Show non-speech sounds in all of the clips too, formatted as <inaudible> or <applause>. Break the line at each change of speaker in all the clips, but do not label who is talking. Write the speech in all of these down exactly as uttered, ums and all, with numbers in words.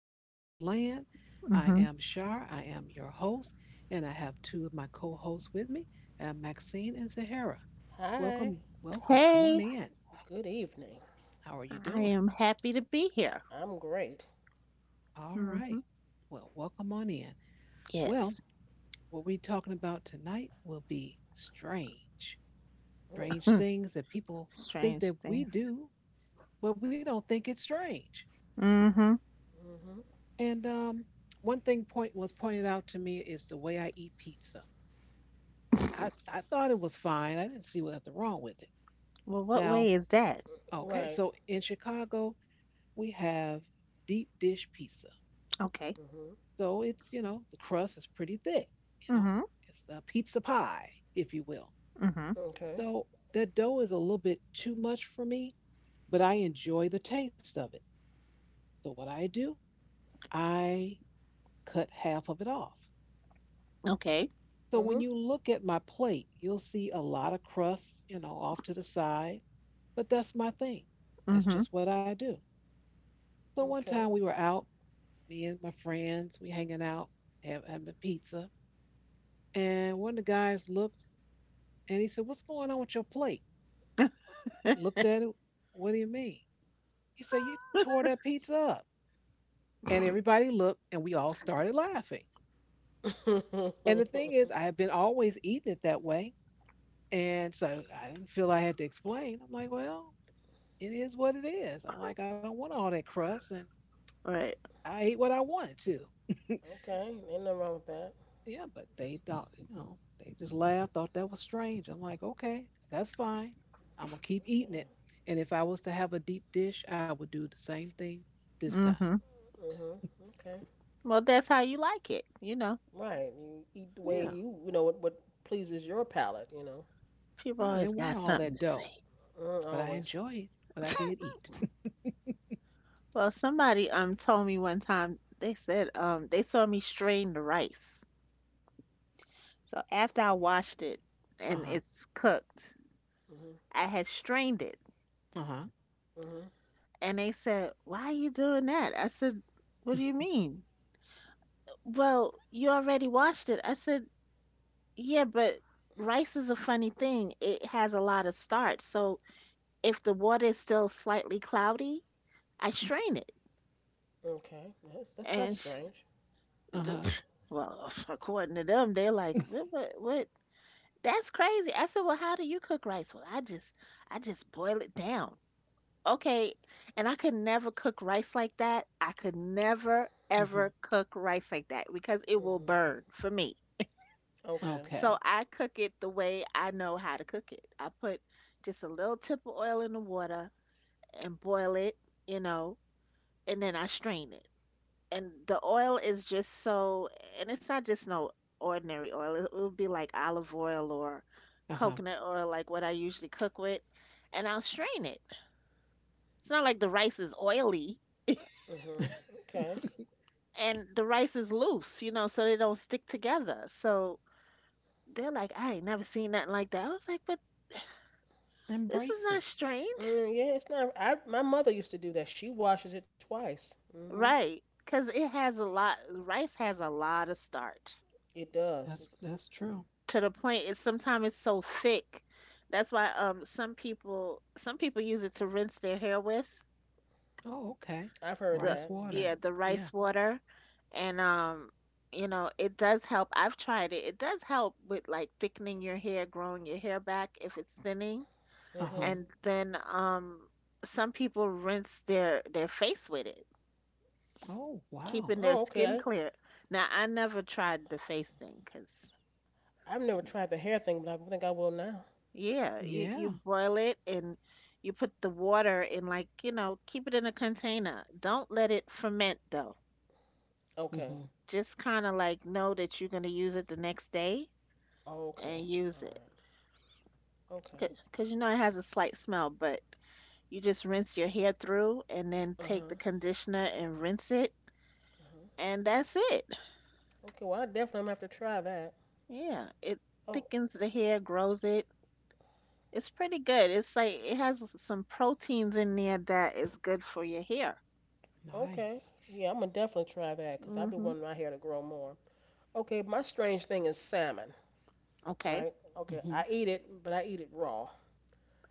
Podcast Land. I
hmm
am Shar, I am your host, and I have two of my co hosts with me, uh, Maxine and Zahara. Welcome,
Hi,
welcome. Come on
Hey,
in.
good evening.
How are you
I
doing?
am happy to be here.
I'm great.
All right.
hmm
Well, welcome on in. Well,
Yes.
what we're talking about tonight will be strange.
Mm.
Strange
Hmm.
things that people think that
Strange
we
things.
do, but we don't think it's strange.
hmm
Mhm.
And um, one thing point was pointed out to me is the way I eat pizza. I, I thought it was fine. I didn't see nothing wrong with it.
Well, what
Now,
way is that?
okay,
Right.
so in Chicago, we have deep dish pizza.
Okay.
Mhm.
So it's, you know, the crust is pretty thick, you know,
Hmm.
it's a pizza pie, if you will.
Hmm.
Okay.
So that dough is a little bit too much for me, but I enjoy the taste of it. So what I do, I cut half of it off.
Okay.
So when
Mhm.
you look at my plate, you'll see a lot of crusts, you know, off to the side, but that's my thing. That's
Hmm.
just what I do. So one time we
Okay.
were out, me and my friends, we hanging out, have- having pizza, and one of the guys looked and he said, "What's going on with your plate?" Looked at it. What do you mean? He said, "You tore that pizza up." And everybody
<laughs>
looked, and we all started laughing.
<laughs> Okay. Ain't
And the thing is,
nothing
I had been always eating it that way, and so I didn't feel I had to explain. I'm like, "Well, it is what it is." I'm like, "I don't want all that crust, and
Right.
I ate what I wanted to."
wrong with that.
Yeah, but they thought, you know, they just laughed, thought that was strange. I'm like, okay, that's fine. I'm gonna keep eating it.
Okay.
And if I was to have a deep dish, I would do the same thing this time.
hmm
Mhm. Okay.
Well, that's how you like it. You know,
Right. You eat the way
Yeah,
you you know what what pleases your palate. You know.
people
right. I
always
didn't
got
want all
something
that
to say.
dough,
Mm,
but I
always.
enjoyed what I did
<laughs>
eat.
Well, somebody um told me one time they said um they saw me strain the rice. So after I washed it
Uh
and
huh.
it's cooked,
Mhm.
I had strained it.
Uh huh.
Mhm.
And they said, "Why are you doing that?" I said, "What do
<laughs>
you mean?" "Well, you already watched it." I said, "Yeah, but rice is a funny thing. It has a lot of starch. So if the water is still slightly cloudy, I strain it."
Okay. That's that's not
And, sh-
strange.
the-
Uh huh.
pff, well, <laughs> according to them, they're like, "What? What? What? That's crazy." I said, "Well, how do you cook rice?" "Well, I just I just boil it down." Okay, and I could never cook rice like that. I could never
Mm-hmm.
ever cook rice like that because it will
Mhm.
burn for me.
Okay.
So
Okay.
I cook it the way I know how to cook it. I put just a little tip of oil in the water and boil it, you know, and then I strain it. And the oil is just so, and it's not just no ordinary oil. It will be like olive oil or
Uh huh.
coconut oil, like what I usually cook with, and I'll strain it. It's not like the rice is oily
<laughs>
Mhm. Okay.
and the rice is loose, you know, so they don't stick together. So they're like, "I ain't never seen nothing like that." I was like, "But this is
Embrace
not
it.
strange."
Mm, yeah, it's not. I my mother used to do that. She washes it twice. Mhm.
Right. Because it has a lot, rice has a lot of starch
It does.
That's that's true.
to the point it's sometimes it's so thick. That's why um some people some people use it to rinse their hair with
Oh, okay.
I've heard
Rice
the,
that. Yeah.
water.
yeah, the
Yeah.
rice water, and um you know it does help. I've tried it. It does help with like thickening your hair, growing your hair back if it's thinning,
Uh
Mhm.
huh.
and then um some people rinse their their face with it,
Oh, wow.
keeping their
Oh,
skin
okay.
clear. Now I never tried the face thing because,
I've never tried the hair thing, but I think I will now.
yeah, you, you
Yeah.
boil it and you put the water in, like, you know, keep it in a container, don't let it ferment though,
Okay.
Mm-hmm.
just kind of like know that you're going to use it the next day
Okay.
and use
All
it
right. Okay.
because, you know, it has a slight smell, but you just rinse your hair through and then
Uh
take
huh.
the conditioner and rinse it,
Uh huh.
and that's it.
Okay. Well, I definitely am gonna have to try that.
Yeah, it
Oh.
thickens the hair, grows it. It's pretty good. It's like it has some proteins in there that is good for your hair.
Nice.
Okay. Yeah, I'm gonna definitely try that because I've been
Hmm.
wanting my hair to grow more. Okay. My strange thing is salmon,
Okay.
right? Okay. I
Mm-hmm.
eat it, but I eat it raw.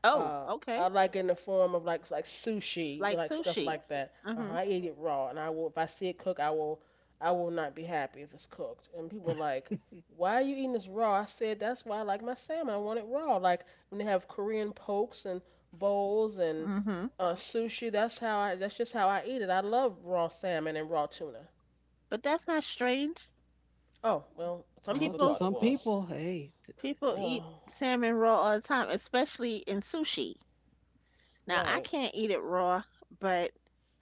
Oh,
Uh,
okay.
I like in the form of like like sushi,
Like
like stuff
sushi.
like that. Uh-huh,
Hmm.
I eat it raw, and I will if I see it cooked, I will I will not be happy if it's cooked. And people are
<laughs>
like, why are you eating this raw? I said that's why I like my salmon. I want it raw. Like when they have Korean pokes and bowls and
Hmm.
uh, sushi, that's how I that's just how I eat it. I love raw salmon and raw tuna.
But that's not strange.
Oh, well, some
Oh,
people
to
People
thought it
some
was.
people, hey, t- it's
people
just,
Yeah,
eat salmon raw all the time, especially in sushi. Now, I
right.
can't eat it raw, but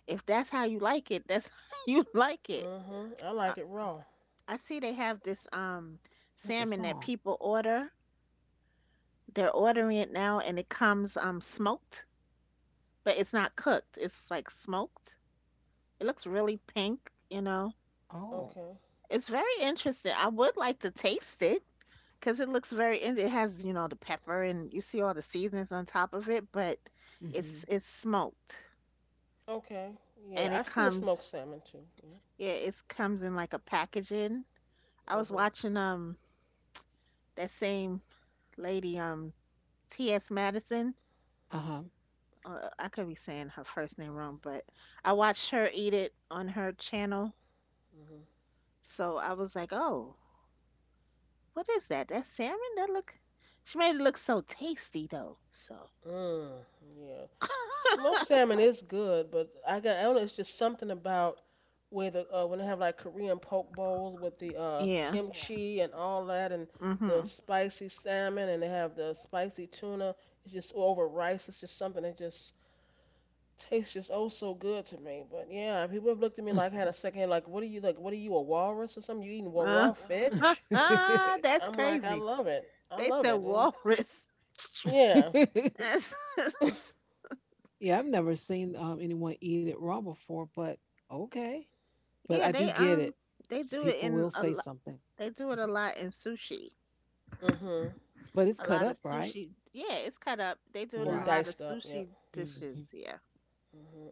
if that's how you like it, that's <laughs> how you like it.
Mhm. I like
I,
it raw.
I see they have this um
that's a
salmon that
song.
people order. They're ordering it now, and it comes um smoked, but it's not cooked. It's like smoked. It looks really pink, you know.
Oh,
Okay.
It's very interesting. I would like to taste it because it looks very in- it has, you know, the pepper and you see all the seasonings on top of it, but it's
mm-hmm.
it's smoked
Okay. Yeah,
and it
I've seen the
comes,
smoked salmon too. Yeah.
yeah, it comes in like a packaging. I was
Mhm.
watching um that same lady, um T S. Madison.
Uh-huh.
Uh, I could be saying her first name wrong, but I watched her eat it on her channel.
Mhm.
So I was like, "Oh, what is that? That salmon? That look." She made it look so tasty though. So
Mm. Yeah.
<laughs>
Smoked salmon is good, but I got I don't know. It's just something about where the uh, when they have like Korean poke bowls with the uh,
yeah.
kimchi and all that, and the
Mhm.
spicy salmon, and they have the spicy tuna. It's just over rice. It's just something that just tastes just oh so good to me. But yeah, people have looked at me like I had a second, like what are you like? What are you, a walrus or something? You eating wa-
Uh,
raw fish?
<laughs>
I'm
that's
like, I
crazy.
love it. I
They
love it.
said
And
walrus.
yeah.
<laughs>
<laughs>
<laughs>
yeah, I've never seen um, anyone eat it raw before, but okay. But
Yeah,
I do
they
get
um
it.
they
S-
do it
people
in
will
a
say
lot.
something,
They do it a
mhm,
lot in sushi.
Hmm.
but it's
A
cut
lot of
up, right?
sushi. Yeah, it's cut up. They do it in
And
a
Right.
lot of
diced up. Yep.
sushi
hmm
dishes. Yeah.
Hmm. Uh,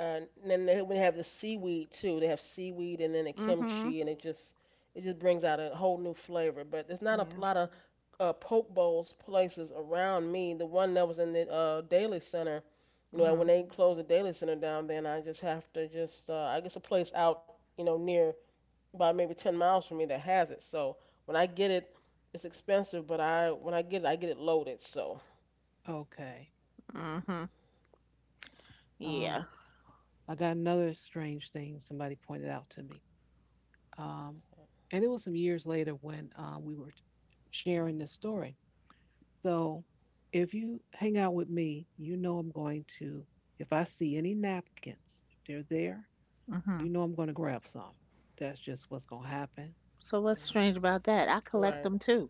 and then they would have the seaweed too. They have seaweed and then the
Hmm.
kimchi, and it just it just brings out a whole new flavor. But there's not a
Yeah.
lot of uh, poke bowls places around me. The one that was in the uh, Daily Center, you know, when
Mhm.
they closed the Daily Center down, then I just have to just uh, I guess a place out, you know, near about maybe ten miles from me that has it. So when I get it, it's expensive, but I when I get it, I get it loaded. So
Okay.
Mhm.
Um,
Yeah.
I got another strange thing somebody pointed out to me. Um, and it was some years later when um, we were sharing this story. So if you hang out with me, you know I'm going to, if I see any napkins, if they're there, you
Mhm.
know I'm going to grab some. That's just what's going to happen.
So what's
hmm,
strange about that? I collect
right,
them too.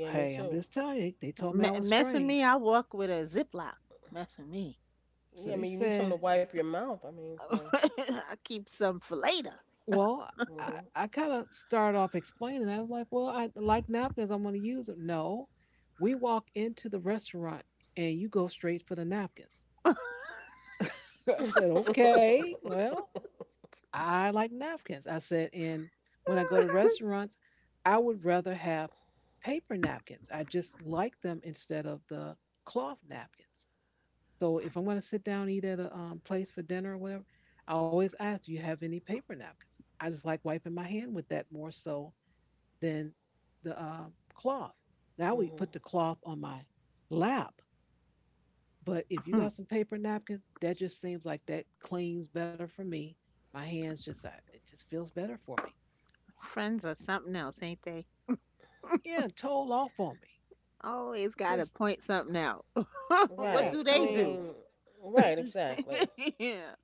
yeah,
Hey,
me
I'm
too.
just telling you, they told me I
Me-
was
messing me,
strange.
I walk with a Ziploc. Messing me,
So
Yeah, I
they
mean, you need something to
said,
wipe your mouth. I mean,
<laughs>
so
I keep some for later.
well, I,
hmm,
I kind of started off explaining. I was like, well, I like napkins. I'm going to use them. No, we walk into the restaurant and you go straight for the napkins.
Hmm.
<laughs> I said, okay, well, I like napkins. I said, and when I go to
<laughs>
restaurants, I would rather have paper napkins. I just like them instead of the cloth napkins. So if I'm going to sit down and eat at a um, place for dinner or whatever, I always ask, do you have any paper napkins? I just like wiping my hand with that more so than the uh, cloth. Now we put
hmm,
the cloth on my lap, but if you got some paper napkins, that just seems like that cleans better for me. My hands just, I, it just feels better for me.
Friends are something else, ain't they?
Yeah, told off on me.
Always gotta
Just,
point something out.
<laughs>
<laughs> What
yeah,
right.
do
I
they
told off.
do?
mean,
What
right,
do?
exactly.
<laughs> Yeah.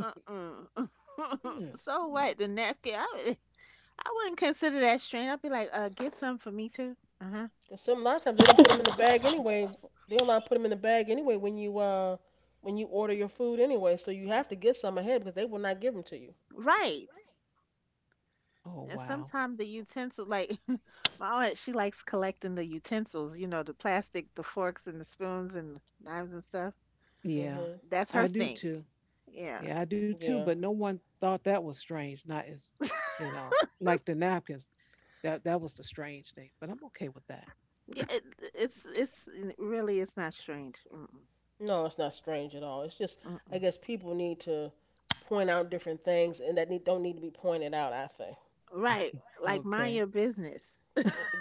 Uh-uh.
Yeah.
<laughs> So what? The napkin? I, I wouldn't consider that strange. I'd be like, uh, get some for me too. Uh huh.
'Cause some a lot of times they don't put them in the bag anyway. They don't not put them in the bag anyway when you uh when you order your food anyway. So you have to get some ahead because they will not give them to you.
Right.
Oh,
And
wow.
sometimes the utensil, like <laughs> my aunt, she likes collecting the utensils, you know, the plastic, the forks and the spoons and knives and stuff.
Yeah,
Hmm.
That's her
I do
thing.
too.
Yeah.
Yeah, I do too. But
Yeah.
no one thought that was strange. Not as, you know,
<laughs>
like the napkins. That that was the strange thing. But I'm okay with that.
Yeah, it, it's it's really it's not strange. Mm-mm,
No, it's not strange at all. It's just, I
mm-mm.
guess people need to point out different things and that need, don't need to be pointed out, I think.
Right, like mind
Okay.
your business.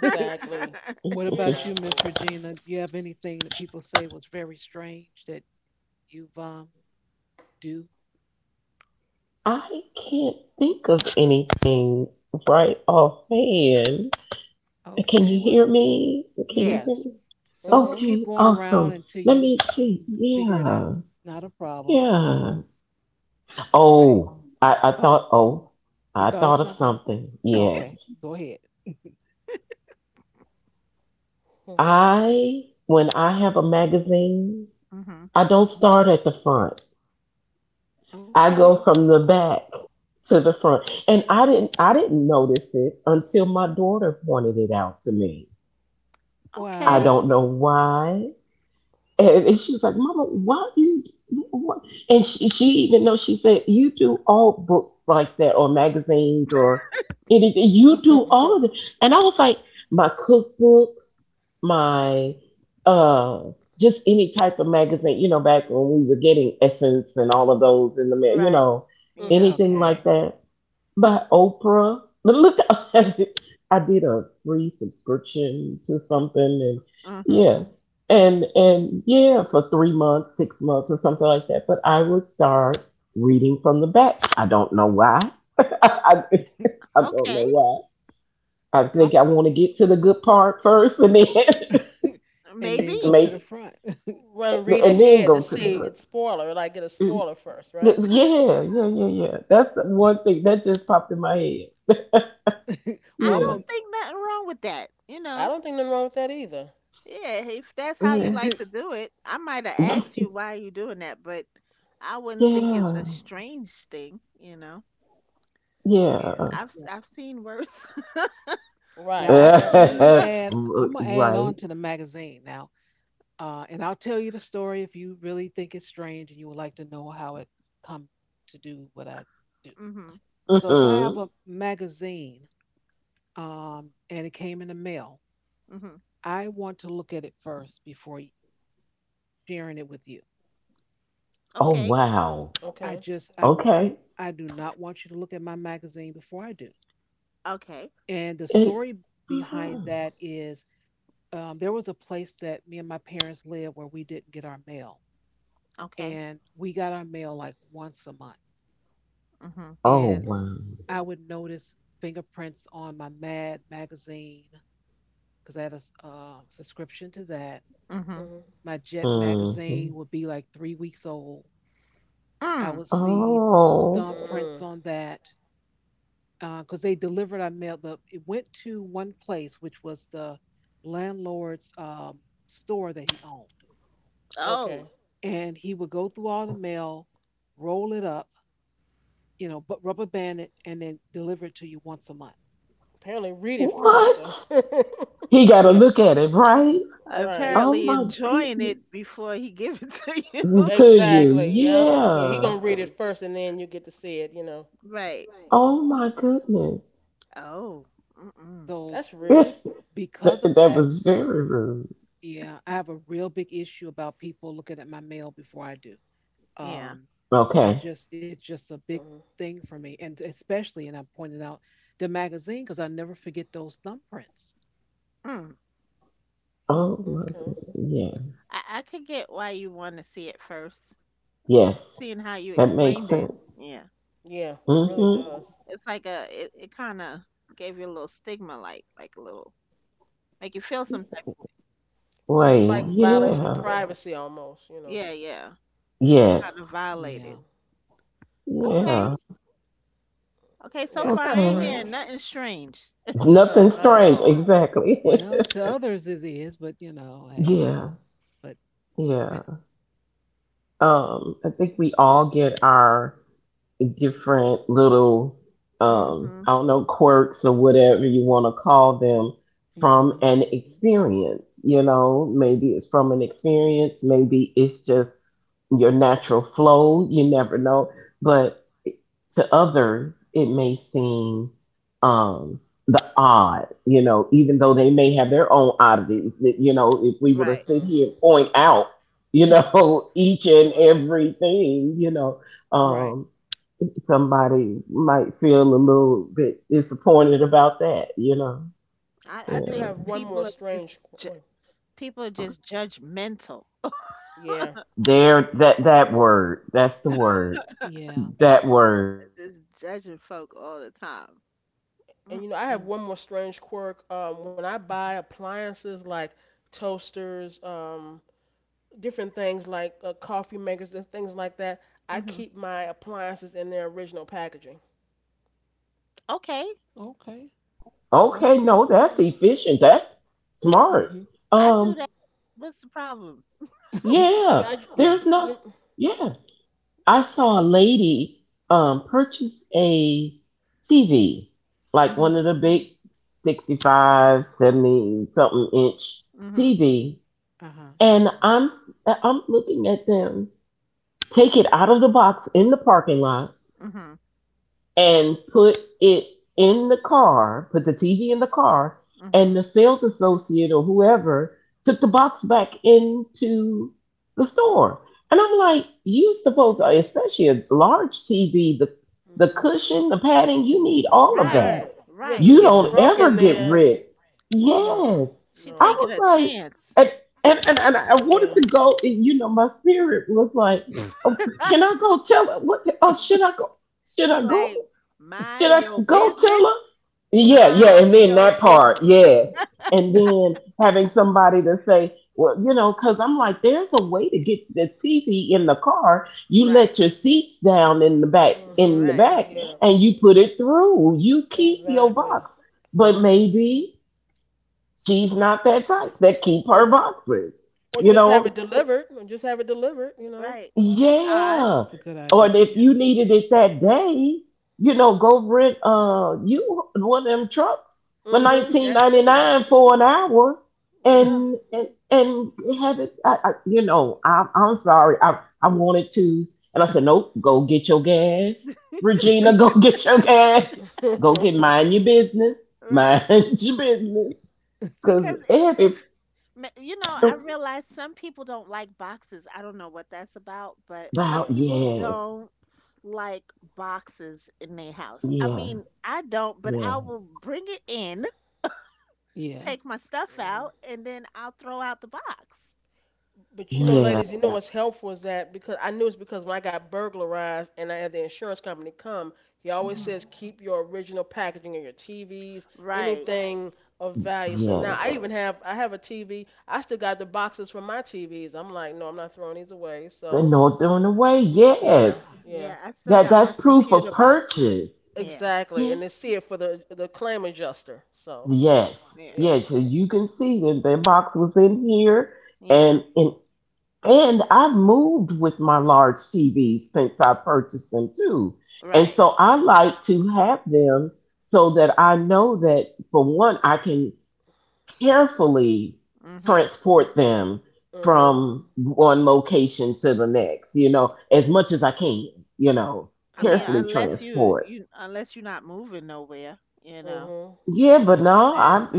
<laughs> what
<laughs>
<laughs>
You
about
know.
you,
Exactly.
Miss Regina? Do you have anything that people say was very strange that you um do?
I can't think of anything right offhand. Can
Okay,
you
well,
hear me? Can you
Yes.
hear
yes.
me?
So
Mhm.
we'll keep
Okay,
going around
awesome.
until
Let
you
me see.
figure it
Yeah,
out. Not a problem.
yeah.
All right.
Oh, I, I
Uh oh.
thought, oh,
You
I
thought of
thought of
something?
something.
Okay.
Yes.
Go ahead.
Mhm.
I, when I have a magazine,
hmm
I don't start at the front. I
Okay.
go from the back to the front. And I didn't I didn't notice it until my daughter pointed it out to me. I
Okay.
don't
Wow.
know why. And, and she was like, Mama, why do you do what? And she, she even though she said, you do all books like that, or magazines, or anything. You do all of it.
<laughs>
And I was like, my cookbooks, my, uh, just any type of magazine, you know, back when we were getting Essence and all of those in the mail, you
Right.
know,
Yeah.
Mhm.
anything
Okay.
like that by Oprah. But look, <laughs> I did a free subscription to something, and
hmm
yeah, and and yeah, for three months, six months, or something like that. But I would start reading from the back. I don't know why. <laughs> I,
<laughs>
I don't
Okay.
know why. I think
I'm
I want to get to the good part first, and then <laughs>
<laughs> and then go
Maybe.
to the
maybe,
front.
Run read
and then
ahead to
go to the
see
front.
it's spoiler, like get a
Mm,
spoiler first,
th-
right?
Yeah, yeah, yeah, yeah. That's the one thing that just popped in my head.
<laughs>
I
well I'm
Yeah,
don't
a
think nothing wrong with that. You
I
know.
don't think nothing wrong with that either.
Yeah, if that's how you
yeah,
like to
<laughs>
do it, I might have asked you why you doing that, but I wouldn't think it's
yeah,
a strange thing, you know.
yeah.
yeah.
I've s- I've seen worse. <laughs>
<laughs>
Right,
Now I'm
I have
let me
too.
R-
add, I'm gonna add on
right.
to the magazine now. Uh, and I'll tell you the story if you really think it's strange and you would like to know how it come to do what I do.
Mhm.
So if I have a
Hmm.
magazine um, and it came in the mail,
Mhm.
I want to look at it first before sharing it with you.
Oh
Okay.
wow.
I
Okay.
just I will I
Okay.
I do not want you to look at my magazine before I do.
Okay.
And the
It,
story behind
mhm.
that is um, there was a place that me and my parents lived where we didn't get our mail,
Okay.
and we got our mail like once a month.
Mhm.
And
Oh wow.
Mhm.
I would notice fingerprints on my Mad magazine because I had a uh, subscription to that.
Mhm.
Mhm.
My Jet
Hmm.
magazine would be like three weeks old. I
Mm.
would see
Oh
thumbprints
Mm.
on that because they delivered. I mailed the. It went to one place, which was the landlord's um, store that he owned,
Oh,
Okay.
and he would go through all the mail, roll it up, you know, but rubber band it, and then deliver it to you once a month.
Apparently read it first though.
what?
<laughs>
He got to look
Yes,
at it, right?
Right.
Oh
apparently
yes.
my
enjoying it
goodness.
before he give it <laughs> to
Z-
you.
To you,
Exactly. Yep. Yeah, he
yeah.
gonna read it first, and then you get to see it. You know,
Right.
Oh my goodness.
Oh. Mm-mm.
So
that's
<laughs> that
rude.
because of
that
that,
was very rude.
yeah, I have a real big issue about people looking at my mail before I do.
Yeah.
Um, I
Okay.
just it's just a big
Hmm.
thing for me, and especially, and I pointed out the magazine because I never forget those thumbprints.
Mm.
Oh my
Okay.
goodness. Yeah.
I I could get why you want to see it first,
Yes.
seeing how you
That makes
explained it.
sense.
Yeah.
Yeah, it really
Mm-hmm.
does.
It's like a it, it kind of gave you a little stigma, like like a little, make you feel some type.
It's
Wait.
like
Uh
violation
huh.
of
Yeah.
privacy almost. You know.
Yeah, yeah. Feel kind of
Yes.
violated.
Yeah.
Hmm.
Yeah.
Okay,
Yes.
okay.
Yeah,
So
that's
far, I
not
ain't
Okay.
hearing
strange.
nothing strange.
It's
No,
nothing
not at
strange.
all.
Exactly.
Well, to others it is, but you know, hey,
<laughs> Yeah.
but
Yeah. Um, I think we all get our different little, um,
Mm-hmm.
I don't know, quirks or whatever you want to call them from
hmm
Hmm.
an experience. You know, maybe it's from an experience, maybe it's just your natural flow. You never know. But to others it may seem, um the odd, you know even though they may have their own oddities that, you know if we were to
Right.
sit here
Hmm.
and point out, you know <laughs> each and
Right.
everything, you know
right.
um somebody might feel a little bit disappointed about that you know
I,
I
I
do
think
have
Yeah,
one more
people are just
strange. Qu-
ju-
wait.
people are just judgmental. <laughs>
Yeah.
there,
Yeah.
that that word that's the
Y-
word,
Yeah.
that word.
Just judging folk all the time.
And you know, I have
Mm-mm.
one more strange quirk. Um, when I buy
Mm-hmm.
appliances like toasters, um, different things like uh, coffee makers and things like that. I
Mm-hmm.
keep my appliances in their original packaging.
Okay,
Okay. All
Okay,
right.
no, that's efficient, that's smart.
Mm-hmm.
I do
Um.
that. What's the problem?
<laughs>
I mean,
Yeah,
I
Yeah.
there's no,
even
yeah. I saw a lady um purchase a T V, like
Mm-hmm.
one of the big sixty-five, seventy something inch
Mm-hmm.
T V,
Uh huh.
and I'm s- I'm looking at them take it out of the box in the parking lot
Mm-hmm.
and put it in the car, put the T V in the car,
Mm-hmm.
and the sales associate or whoever took the box back into the store. And I'm like, you supposed, especially a large T V, the the
hmm,
cushion, the padding, you need all of
Right.
that.
right, yeah, because if
Right.
You
it get
don't
Yeah.
broken,
ever get
then
rid.
no,
Yes,
She
no,
I
taking
was
a
like,
chance.
and and and, and I wanted
yeah,
to go, and you know, my spirit was like, oh, can I
<laughs>
go tell her what? Oh, should I go? Should
Be
I go?
like,
Should
mind
I
your
go
business,
tell her? Yeah, yeah,
mhm,
and
mind
then
your
that part,
business.
yes. And then having somebody to say, well, you know, because I'm like, there's a way to get the T V in the car. You
Right,
let your seats down in the back, in
mhm,
the
right,
back,
yeah,
and you put it through. You keep your
exactly.
box, but
Right.
maybe she's not that type that keep
Or
her boxes.
or
You
just have it
know.
delivered, or just have it delivered, you know.
right. That's odd.
Yeah.
That's a good
Or
idea.
if
Yeah.
you needed it that day, you know, go rent uh you one of them trucks for
Mhm,
nineteen
that
ninety
too.
nine for an hour
Yeah.
and and and have it. I, I you know, I I'm sorry. I I wanted to. And I said, nope, go get your gas. Regina, <laughs> go get your gas. Go get mind
<laughs>
your business. Mind
Right.
<laughs> your business. Cause
Because it, if
every
ma- you know, I realize some people don't like boxes. I don't know what that's about, but some
about,
yeah.
people
yes.
don't like boxes in their house. I
Yeah.
mean, I don't, but
Yeah.
I will bring it in,
Yeah.
take my stuff
Mhm.
out, and then I'll throw out the box.
But you know,
Right.
Yeah.
ladies, you know what's helpful is that because I knew it's because when I got burglarized and I had the insurance company come, he always
Oh,
Hmm.
says keep your original packaging and your T Vs,
Right.
anything of value. So now I
Yes.
even have I have a T V. I still got the boxes from my T Vs. I'm like, no, I'm not throwing these away.
They're
So
not doing away.
yeah,
Yes,
Yeah,
yeah,
I still
that
got my
that's proof of
computer boxes.
purchase.
Yeah.
exactly.
Yeah.
And they see it for the the claim adjuster. So
Yes.
Yeah.
Yeah.
yeah,
So you can see that the box was in here,
Yeah.
and and and I've moved with my large T V since I purchased them too, and
Right.
so I like to have them so that I know that for one I can carefully
Mhm.
yes.
transport them
mhm,
from one location to the next, you know, as much as I can, you know,
I mean,
Correct.
carefully
right,
unless you
transport.
you unless you're not moving nowhere, you know.
mhm,
Yeah, but
<laughs>
no, I
And,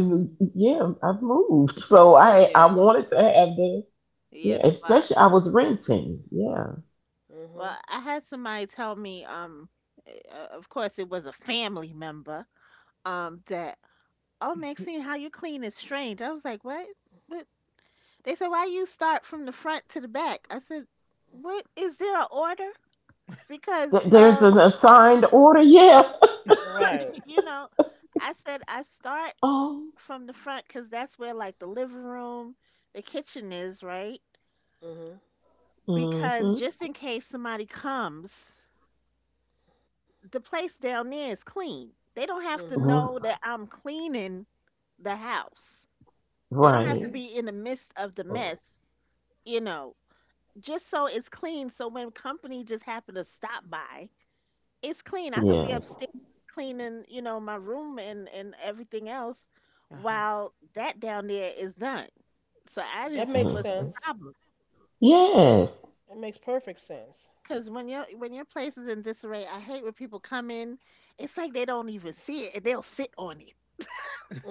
yeah, I've moved. So I I
yeah,
wanted to have the
yeah,
yeah,
the box.
especially I was renting. Yeah.
Well,
mhm,
I had somebody tell me, um, eh, uh, of course it was a family member, um, that, "Oh, Maxine, how you clean is strange." I was like, "What?" But they said, "Why you start from the front to the back?" I said, "What, is there a order?" Because,
Th- there's an
um,
assigned order. Yeah.
right,
<laughs> you know, I said I start
Oh.
from the front because that's where like the living room, the kitchen is, right?
mhm,
Because
Mhm.
just in case somebody comes, the place down there is clean. They don't have to
mhm.
know
R-
that I'm cleaning the house. They don't have
Right.
to
okay.
be in the midst of the mess, you know, just so it's clean. So when company just happen to stop by, it's clean. I could be
Yes.
upstairs cleaning, you know, my room and, and everything else
Uh huh.
while that down there is done. So I didn't
That
see
makes
Mhm.
what's the
sense.
problem.
Yes.
It makes perfect sense.
Cause when your when your place is in disarray, I hate when people come in. It's like they don't even see it, and they'll sit on it.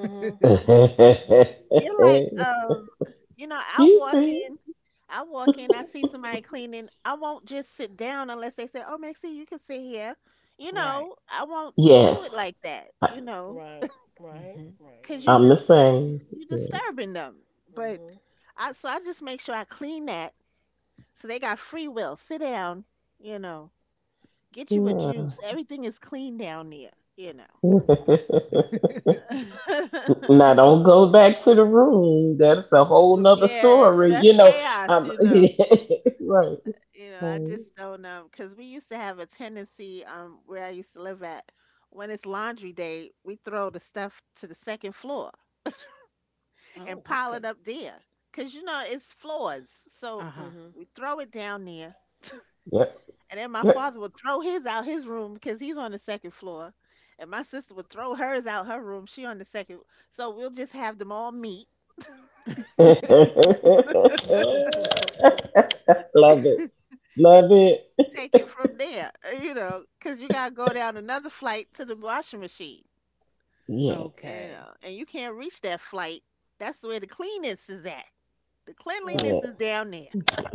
Mhm. Mhm.
You're like,
<laughs>
um, you know, I
Excuse
walk
me.
in, I walk in, I see somebody cleaning. I won't just sit down unless they say, "Oh, Maxie, you can sit here." You
right.
know, I won't do it
Yes,
like that.
I,
You know,
Right. Right.
hmm
Right.
cause you
Yeah.
I'm the
dis
same.
you
Yeah.
disturbing them. But
Mhm.
I, so I just make sure I clean that so they got free will. Sit down. You know, get you a juice. Everything is clean down there. You know.
<laughs>
<laughs>
Now
<laughs>
don't go back to the room. That's a whole nother
Yeah,
story.
that's
You know,
chaos,
um,
you know.
<laughs> right,
You know, I just
right.
don't know because we used to have a tendency um where I used to live at. When it's laundry day, we throw the stuff to the second floor
oh,
and pile
okay.
it up there because you know it's floors.
Uh
So
huh.
we throw it down there,
Yep.
and then my
Yep.
father would throw his out his room because he's on the second floor, and my sister would throw hers out her room. She on the second, so we'll just have them all meet
<laughs> Love
<laughs>
Mhm. <laughs>
it.
and
Love
s-
it.
take it from there, uh, you know, because you got to go down another flight to the washing machine, you
Yes.
okay.
know, and you can't reach that flight. That's where the cleanness is at. The cleanliness
Yeah.
right.
is down there.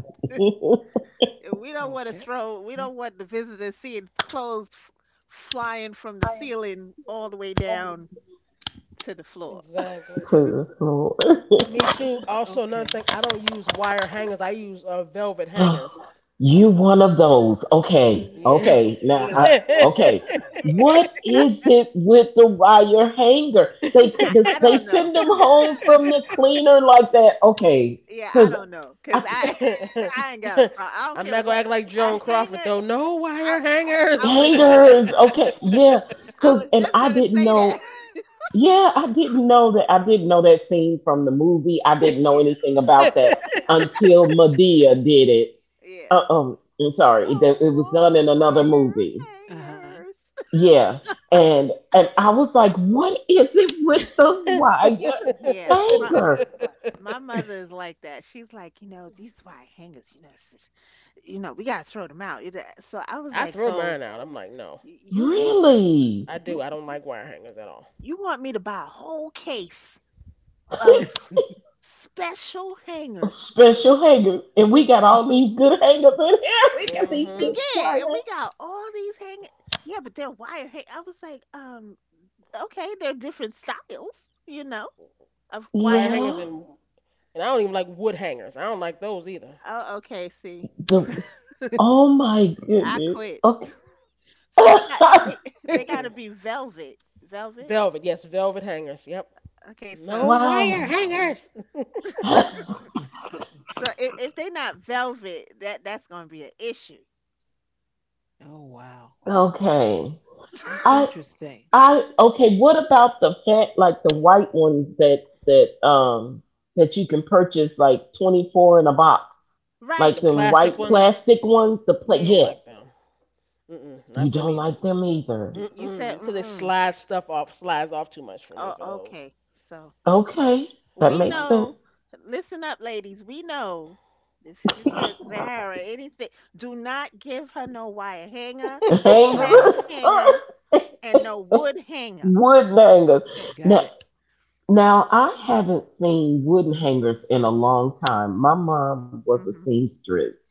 <laughs> To
And we don't want to
Okay.
throw, we don't want the visitors seeing clothes f- flying from the ceiling all the way down to the floor.
Exactly.
the floor.
Me too.
Uh,
Also, another
okay.
thing, I don't use wire hangers. I use uh, velvet
<gasps>
hangers.
You one of those. Okay.
Y-
Yeah.
Okay. Now
Yeah.
I Okay. What
<laughs>
is it with the wire hanger? They c- this-
I, I
they
don't know.
send them home from the cleaner
<laughs>
like that. Okay.
Yeah, I
Cuz
don't know, cause
I c-
I <laughs> I ain't got a problem. I don't
I'm
care
not gonna
what
act like
a
Joan Crawford
hanger.
though. No
I
wire
I
hangers.
was
hangers. Okay. Yeah.
I
Cuz,
was
and
just
I
gonna
didn't
say that.
know,
<laughs>
yeah, I didn't know that I didn't know that scene from the movie. I
<laughs>
didn't know
Yeah.
anything about that
<laughs>
until Medea did it.
Yeah.
Uh um I'm sorry. It,
No
it was
more
done in another
wire.
movie.
Uh huh.
Hangers.
Yeah. And and I was like, what is it with the wire
<laughs> Yeah, my
hanger?
my
<laughs>
mother is like that. She's like, you know, these wire hangers, you know, it's just- you know, we gotta throw them out. you know. So I was
I
like,
throw
so
mine out. I'm like, no,
y- you you
Really?
I do.
you
I don't like wire hangers at all.
you want me to buy a whole case of special
A
hangers?
special hanger. And we got all these good hangers in here. <laughs> We got these
Uh,
Hmm.
good
Yeah,
wire.
and we got all these hang. Yeah, but they're wire hang. I was like, um, okay, they're different styles, you know, of
Wire
wire.
hangers
Yeah.
and and I don't even like wood hangers. I don't like those either.
Oh, okay. See,
The Oh my
I
goodness.
quit.
Okay.
So they got they <laughs> they got
Mm-mm.
to be velvet, velvet.
Velvet, yes, velvet hangers. Yep.
Okay,
<laughs>
No
so
wire
Wow.
hangers. <laughs>
<laughs>
so if, if they not velvet, that that's gonna be an issue.
oh, wow.
Okay.
That's
I
<laughs>
interesting.
I Okay. What about the fat, like the white ones that that um that you can purchase like twenty four in a box,
The
like
Right.
them
plastic
white
ones,
plastic ones? The plate,
don't
Yeah.
like
yes.
them. Mm-mm,
You
not them
don't
either.
like them either.
You
Mm-mm,
said,
because they
mm-mm.
slide stuff off, slides off too much for me
Oh,
for those.
okay. So
Okay, that
we
makes
Yum.
know,
sense.
listen up, ladies. We know if you get Zahara anything, do not give her no wire hanger,
<laughs>
no
<laughs>
Right.
plastic
Angus.
hanger,
<laughs>
and no wood hanger.
Wood hangers.
Okay.
Got it.
Now, now I haven't seen wooden hangers in a long time. My mom was a
Hmm.
seamstress,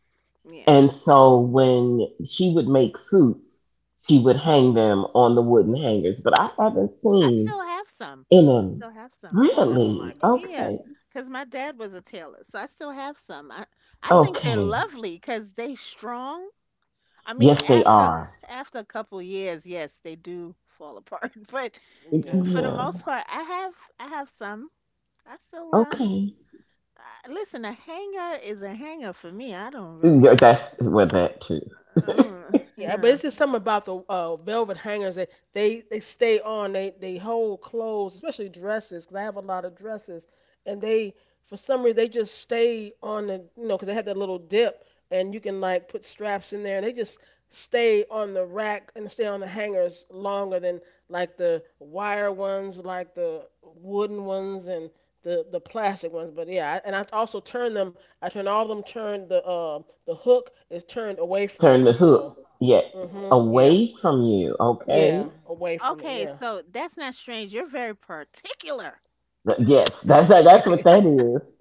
Yeah.
and so when she would make suits, she would hang them on the wooden hangers. But I haven't
I
seen
still have some.
any.
Still have some.
Yeah, I don't
Really?
like them.
Yeah,
Okay.
because my dad was a tailor, so I still have some. I I think they're
Okay.
lovely because they strong. I mean,
Yes, they
after
are.
after a couple years, yes, they do fall apart. <laughs> But
Uh
Yeah.
for the most
Yeah.
part, I have I have some. I still um
Okay.
I, listen. A hanger is a hanger for me. I don't
Yeah,
really.
that's with that too.
Uh,
Yeah, but
yeah.
it's just something about the uh, velvet hangers, that they they stay on. They they hold clothes, especially dresses, 'cause I have a lot of dresses, and they for some reason they just stay on the you know, 'cause they have that little dip, and you can like put straps in there, and they just stay on the rack and stay on the hangers longer than like the wire ones, like the wooden ones, and the the plastic ones. But yeah, I, and I also turn them. I turn all of them. Turn the uh, the hook is turned away from
Turn
me,
the
so.
hook. Yeah.
Mhm. Yeah.
Away
Oh,
from you.
yeah.
Okay.
Away from it.
Okay,
Yeah.
so that's not strange. You're very particular.
Th- Yes. That's that,
huh.
that's what that is.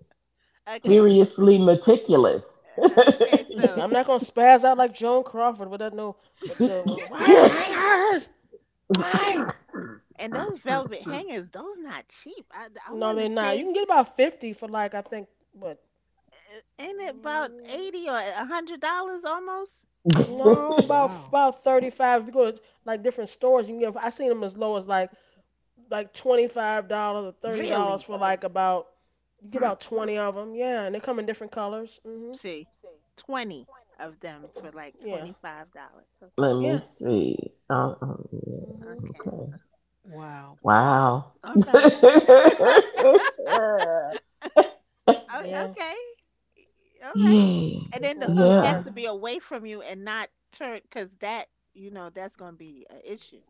Okay.
Seriously meticulous.
uh, Okay,
But
so
I'm not gonna spaz out like Joan Crawford with that, no. But the
<laughs>
<laughs>
why are
Yes.
hangers? Why?
and those velvet hangers, those not cheap. I I
No,
want to
they're not. You
say,
can get about fifty for like I think, but
uh, ain't it about
mm,
eighty or a hundred dollars almost?
<laughs> oh,
<laughs>
no, about
wow.
about thirty-five. If you go to like different stores, you can get. I seen them as low as like like twenty-five dollars or thirty dollars
Really?
for like about you get
Hmm.
about twenty of them. Yeah, and they come in different colors. Mhm.
See, twenty of them for like
Yeah.
twenty five dollars. Okay,
Let me
Yeah.
see. Um, um,
Mhm.
yeah,
okay,
okay.
Wow.
Wow.
all
<laughs>
right, o-
Yeah.
okay, all right.
Yeah.
And then the
And
hook
you
has
Yeah.
find.
to be away from you and not turn, cause that you know that's gonna be an issue.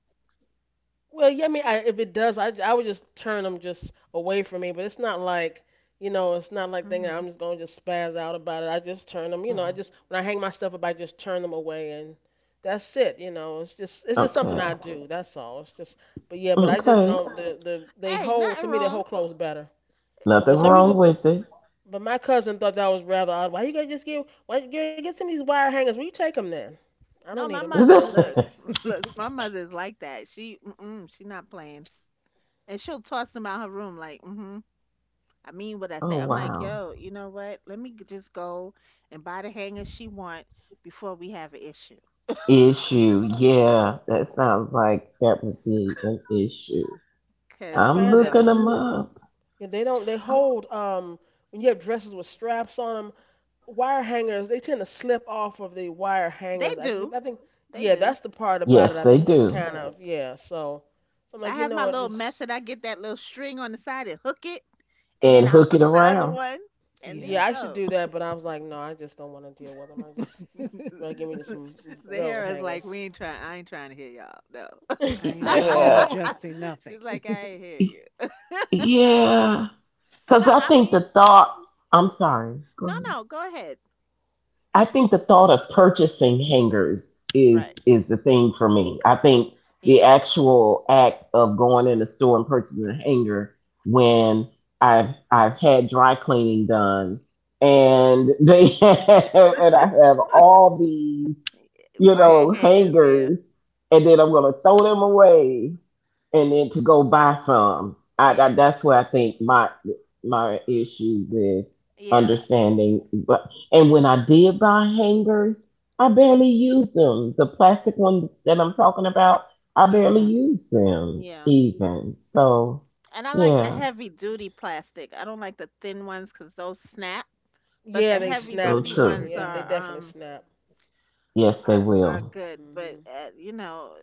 Well, yeah, I mean, I, if it does, I, I would just turn them just away from me. But it's not like, you know, it's not like thinking I'm
hmm
just gonna just spaz out about it. I just turn them, you know,
Uh-huh.
I just when I hang my stuff up, I just turn them away, and that's it. You know, it's just it's just something
Okay.
I do. That's all. It's just, but yeah, but I just
Okay.
don't. The the they
Hey,
hold to
nothing
me they
wrong.
hold clothes better. So,
Nothing
but some
wrong
people,
with it.
but my cousin thought that was rather odd. Why you gotta just give? Why you gotta get some of these wire hangers? Will you take them then? I don't
No,
need
my
them. Go ahead
mother,
and take
look,
them.
<laughs>
<laughs> look, my mother's like that. She, mm-mm, she not playing. And she'll toss them out her room like mm-hmm. I mean, what I
Oh
say, I'm like,
wow.
yo, you know what, let me g- just go and buy the hanger she want before we have an issue,
Issue. Yeah. That sounds like that would be an issue.
I
because
I'm
you
find
looking
know
them up.
yeah, they don't. They hold um when you have dresses with straps on them, wire hangers. They tend to slip off of the wire
they
hangers. I, think-
do
I think
they
yeah,
do
that's the part about it.
Yes,
I
they
think that's
do.
kind of yeah. So so I'm
I
like, you
have
know
my
what?
little
Just
method. I get that little string on the side and hook it, and then
And
I
hook it
hook the other
around.
one, and there
Yeah.
yeah,
you
I should
go.
do that, but I was like, no, I just don't want to deal with them. I just
<laughs>
rather give
I
me some
<laughs>
velvet
Zahara's like,
hangers.
we ain't trying I ain't trying to hear y'all, no.
am,
Y-
I'm not
<laughs>
Yeah.
adjusting
<laughs>
nothing.
She's like,
<laughs>
I ain't hear
Y-
you.
Yeah. Cause
No,
I
I
think the
mean,
thought I'm sorry. Go
no,
ahead.
no, go ahead,
I think the thought of purchasing hangers is
right.
is the thing for me. I think the
Yeah,
actual act of going in the store and purchasing a hanger when I've I've had dry cleaning done and they <laughs> and I have all these, you
wire
Yes.
know,
hangers, yeah,
hangers, and then I'm gonna throw them away, and then to go buy some. I,
yeah,
I That's where I think my my issue with
yeah,
understanding. And when I did buy hangers, I barely use them. The plastic ones that I'm talking about, I
yeah.
Uh-huh.
barely
Hmm.
use them
Yeah,
even. So,
and I like the
yeah,
heavy duty plastic. I don't like the thin ones 'cause those snap, but
Yeah,
the
they
heavy
so
Mm-hmm.
snap
duty
It
though.
sure
true.
ones
Yeah, they
does.
are
definitely
um
snap.
Yes, they
are, are
will.
good. But
Hmm.
uh, you know,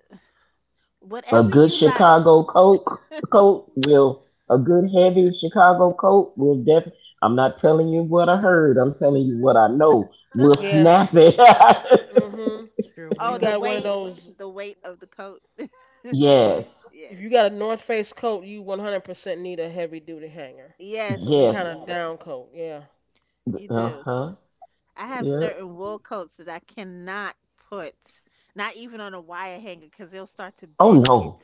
A
whatever
good
you like.
Chicago Coke coat will, a good heavy Chicago coat will definitely, I'm not telling you what I heard, I'm telling you what I know, will
Right.
snap
Yes.
it. <laughs>
Hmm.
It sure
If you
Oh,
will.
the
got one of
weight,
those,
the weight of the coat.
if you
Yes,
if
Yes,
you got a North Face coat, you one hundred percent need a heavy duty hanger or
yes,
some kind
yes,
of yeah, down coat. Yeah.
you
uh
do.
huh,
I have
yeah.
Mhm.
certain wool coats that I cannot put, not even on a wire hanger, 'cause they'll start to
Oh
bend it.
no,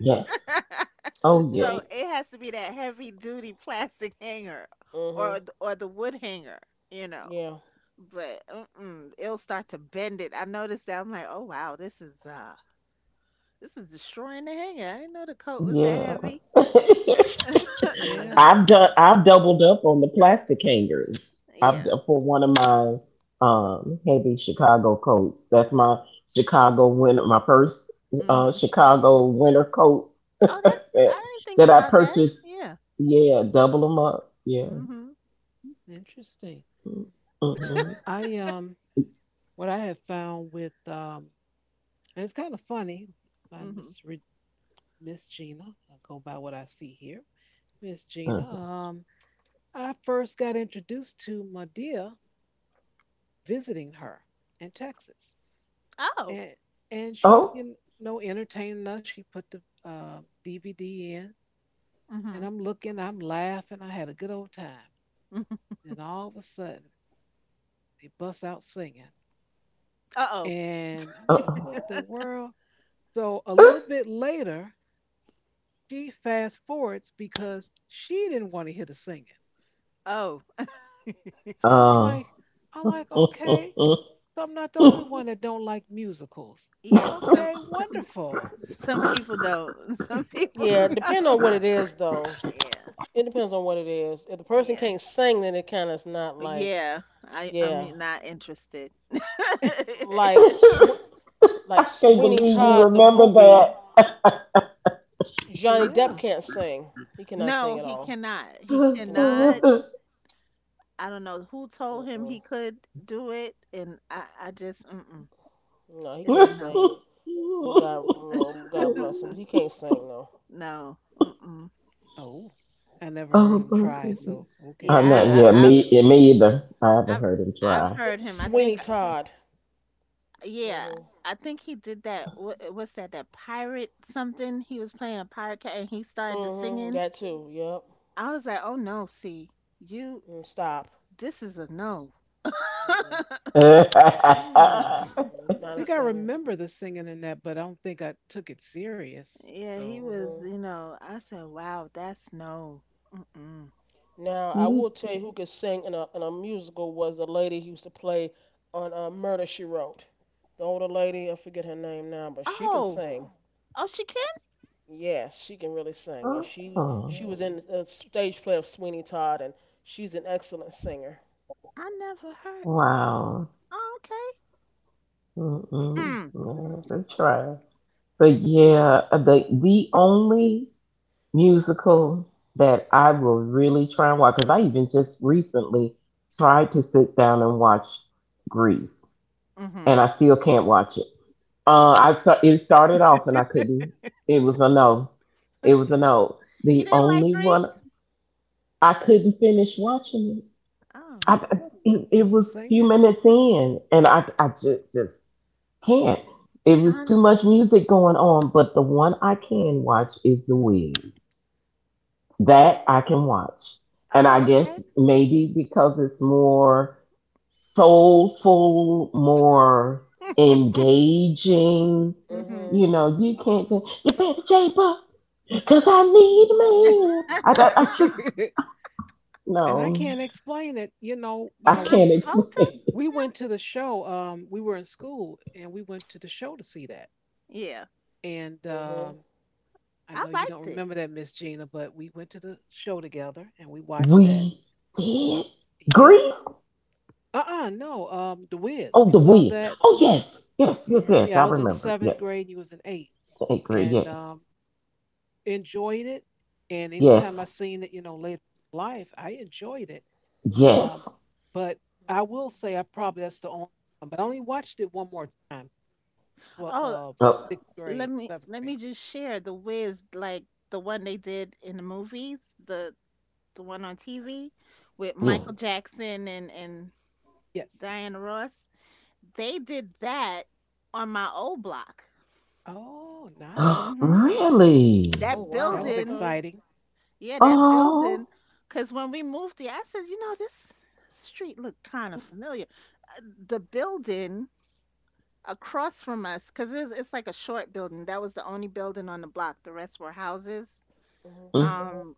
yes,
<laughs>
oh
No.
So
You-
yes.
it has to be that heavy duty plastic hanger or
mhm.
th- or the wood hanger, you know.
Yeah.
But, mm-mm, it'll start to bend it. I noticed that, I'm like, "Oh, wow, this is, uh, this is destroying the hanger. I didn't know the coat was that
Yeah.
heavy."
<laughs>
Yeah.
Yeah.
I've done I've doubled up on the plastic hangers. I've d-
Yeah,
for one of my um heavy Chicago coats. That's my Chicago winter my first uh
mhm.
Chicago winter coat <laughs>
Oh,
that,
that's I didn't think
that I
about that.
purchased.
Yeah.
Yeah, double them up. Yeah.
Mhm,
Interesting. I,
Mm-hmm.
Mhm.
I um what I have found with um and it's kind of funny by
mhm.
Miss Re- Miss Gina. I go by what I see here. Miss
Uh,
Gina. Um, I first got introduced to Medea visiting her in Texas.
Oh,
and and she's
Oh.
you know entertaining us. She put the uh, D V D in, and
mhm.
I'm looking, I'm laughing. I had a good old time.
Mm,
Then all of a sudden, they bust out singing,
uh-oh.
and I'm like, "What
Uh-oh.
the world?" So a little bit later, she fast forwards because she didn't want to hear the singing.
Oh.
So I'm
Oh.
like, I'm like, okay, so I'm not the only one
<laughs>
that don't like musicals.
Yes, <laughs> some
Okay, wonderful.
some people don't. <laughs> Some people
Yeah. Depend
don't.
on what it is though.
Yeah,
It depends on what it is. If the person
yeah,
can't sing, then it kind of is not like
yeah, I I
yeah,
am not interested. <laughs>
like Sw- like
I can't
Sweeney
believe you
Todd the
remember
movie. Johnny
Yeah.
Depp can't sing. He cannot sing
No,
at
he
all.
cannot. He
He cannot
cannot
sing.
that. <laughs>
I don't know who told him
Mm-mm.
he could do it, and I, I just, mm-mm.
No, he
It's
can't
a
Oh
no,
sing. Oh, God, well, God bless him, but he can't sing though.
no, mm-mm.
Oh, I never heard
my
him try,
goodness.
so
I
Yeah,
okay.
know.
I,
Yeah,
Yeah,
I, I've,
me, yeah, me either. I haven't
I've,
heard him
I've
try.
heard him. I think,
Sweeney Todd.
yeah,
Mhm.
I think he did that. wh- What's that? That pirate something? He was playing a pirate cat, and he started to
Mhm.
singing.
That too. Yep.
I was like, oh no, see, you,
Mm, stop.
this is a no.
Mm-mm.
<laughs>
<laughs>
Hmm.
Mm-mm.
Oh,
He's not
Think
a
I
singer.
remember the singing in that, but I don't think I took it serious.
Yeah,
So
he was,
Mhm.
you know, I said, wow, that's no. Mm-mm.
Now I will tell you who could sing in a in a musical was the lady who used to play on uh, Murder She Wrote. The older lady, I forget her name now, but she can
Oh,
sing.
oh, she can?
Yes, she can really sing. Yeah, she she was in a stage play of Sweeney Todd, and she's an excellent singer.
I never heard.
wow.
Oh, okay.
Mm-mm.
Hmm.
I haven't tried. But
That's two.
yeah, uh, the the only musical that I will really try and watch because I even just recently tried to sit down and watch Grease,
Mm-hmm.
and I still can't watch it. Uh, I start, it started off and I couldn't. It was a no. It was a no.
You
The
didn't like
only one
Grease?
I couldn't finish watching it.
Oh.
I, I- it, it
it's a
was a few
singing,
minutes in, and I I just just can't. It was
John.
too much music going on. But the one I can watch is The Wiz. That I can watch, and I
Oh, okay.
guess maybe because it's more soulful, more engaging.
Mm-hmm.
You
Mhm.
know, you can't just you better shape up because I need a man. I,
<laughs>
I, I
<laughs>
just,
and I
no,
can't explain it. You know, uh,
I
we
John
can't explain. <laughs>
Travolta.
we
it.
went to the show. Um, we were in school, and we went to the show to see that.
Yeah.
And um,
Mhm.
I know
I
you don't
liked
remember
it.
that, Miss Gina, but we went to the show together, and we watched that.
We did
Yep.
Greece.
Uh-uh. No. Um, The Wiz. We
Oh, the
saw
we.
that.
Oh, yes, yes, yes,
Yeah.
Yeah,
yes.
I
I
was in
remember.
seventh
Yes,
grade. You was in eighth,
I agree.
and um,
Yes,
enjoyed it. And anytime I
yes,
seen it, you know, later in life, I enjoyed it. Um,
yes.
but I will say I probably that's the only one. But I only watched it one more time. Well,
Oh,
uh,
Oh,
sixth grade,
let me
seventh
let
grade.
me just share the Wiz like the one they did in the movies, the the one on T V with
Uh huh.
yeah.
Michael Jackson and and
Yes.
Diana Ross. They did that on my old block.
Oh,
<gasps>
nice.
Mm-hmm.
Really?
That
Oh
That was
wow.
building
Okay.
exciting.
Yeah, that
Oh,
building. Because when we moved there, I said, you know, this street looked kind of familiar. Uh, The building across from us, because it's, it's like a short building. That was the only building on the block. The rest were houses.
Hmm.
mm,
Um,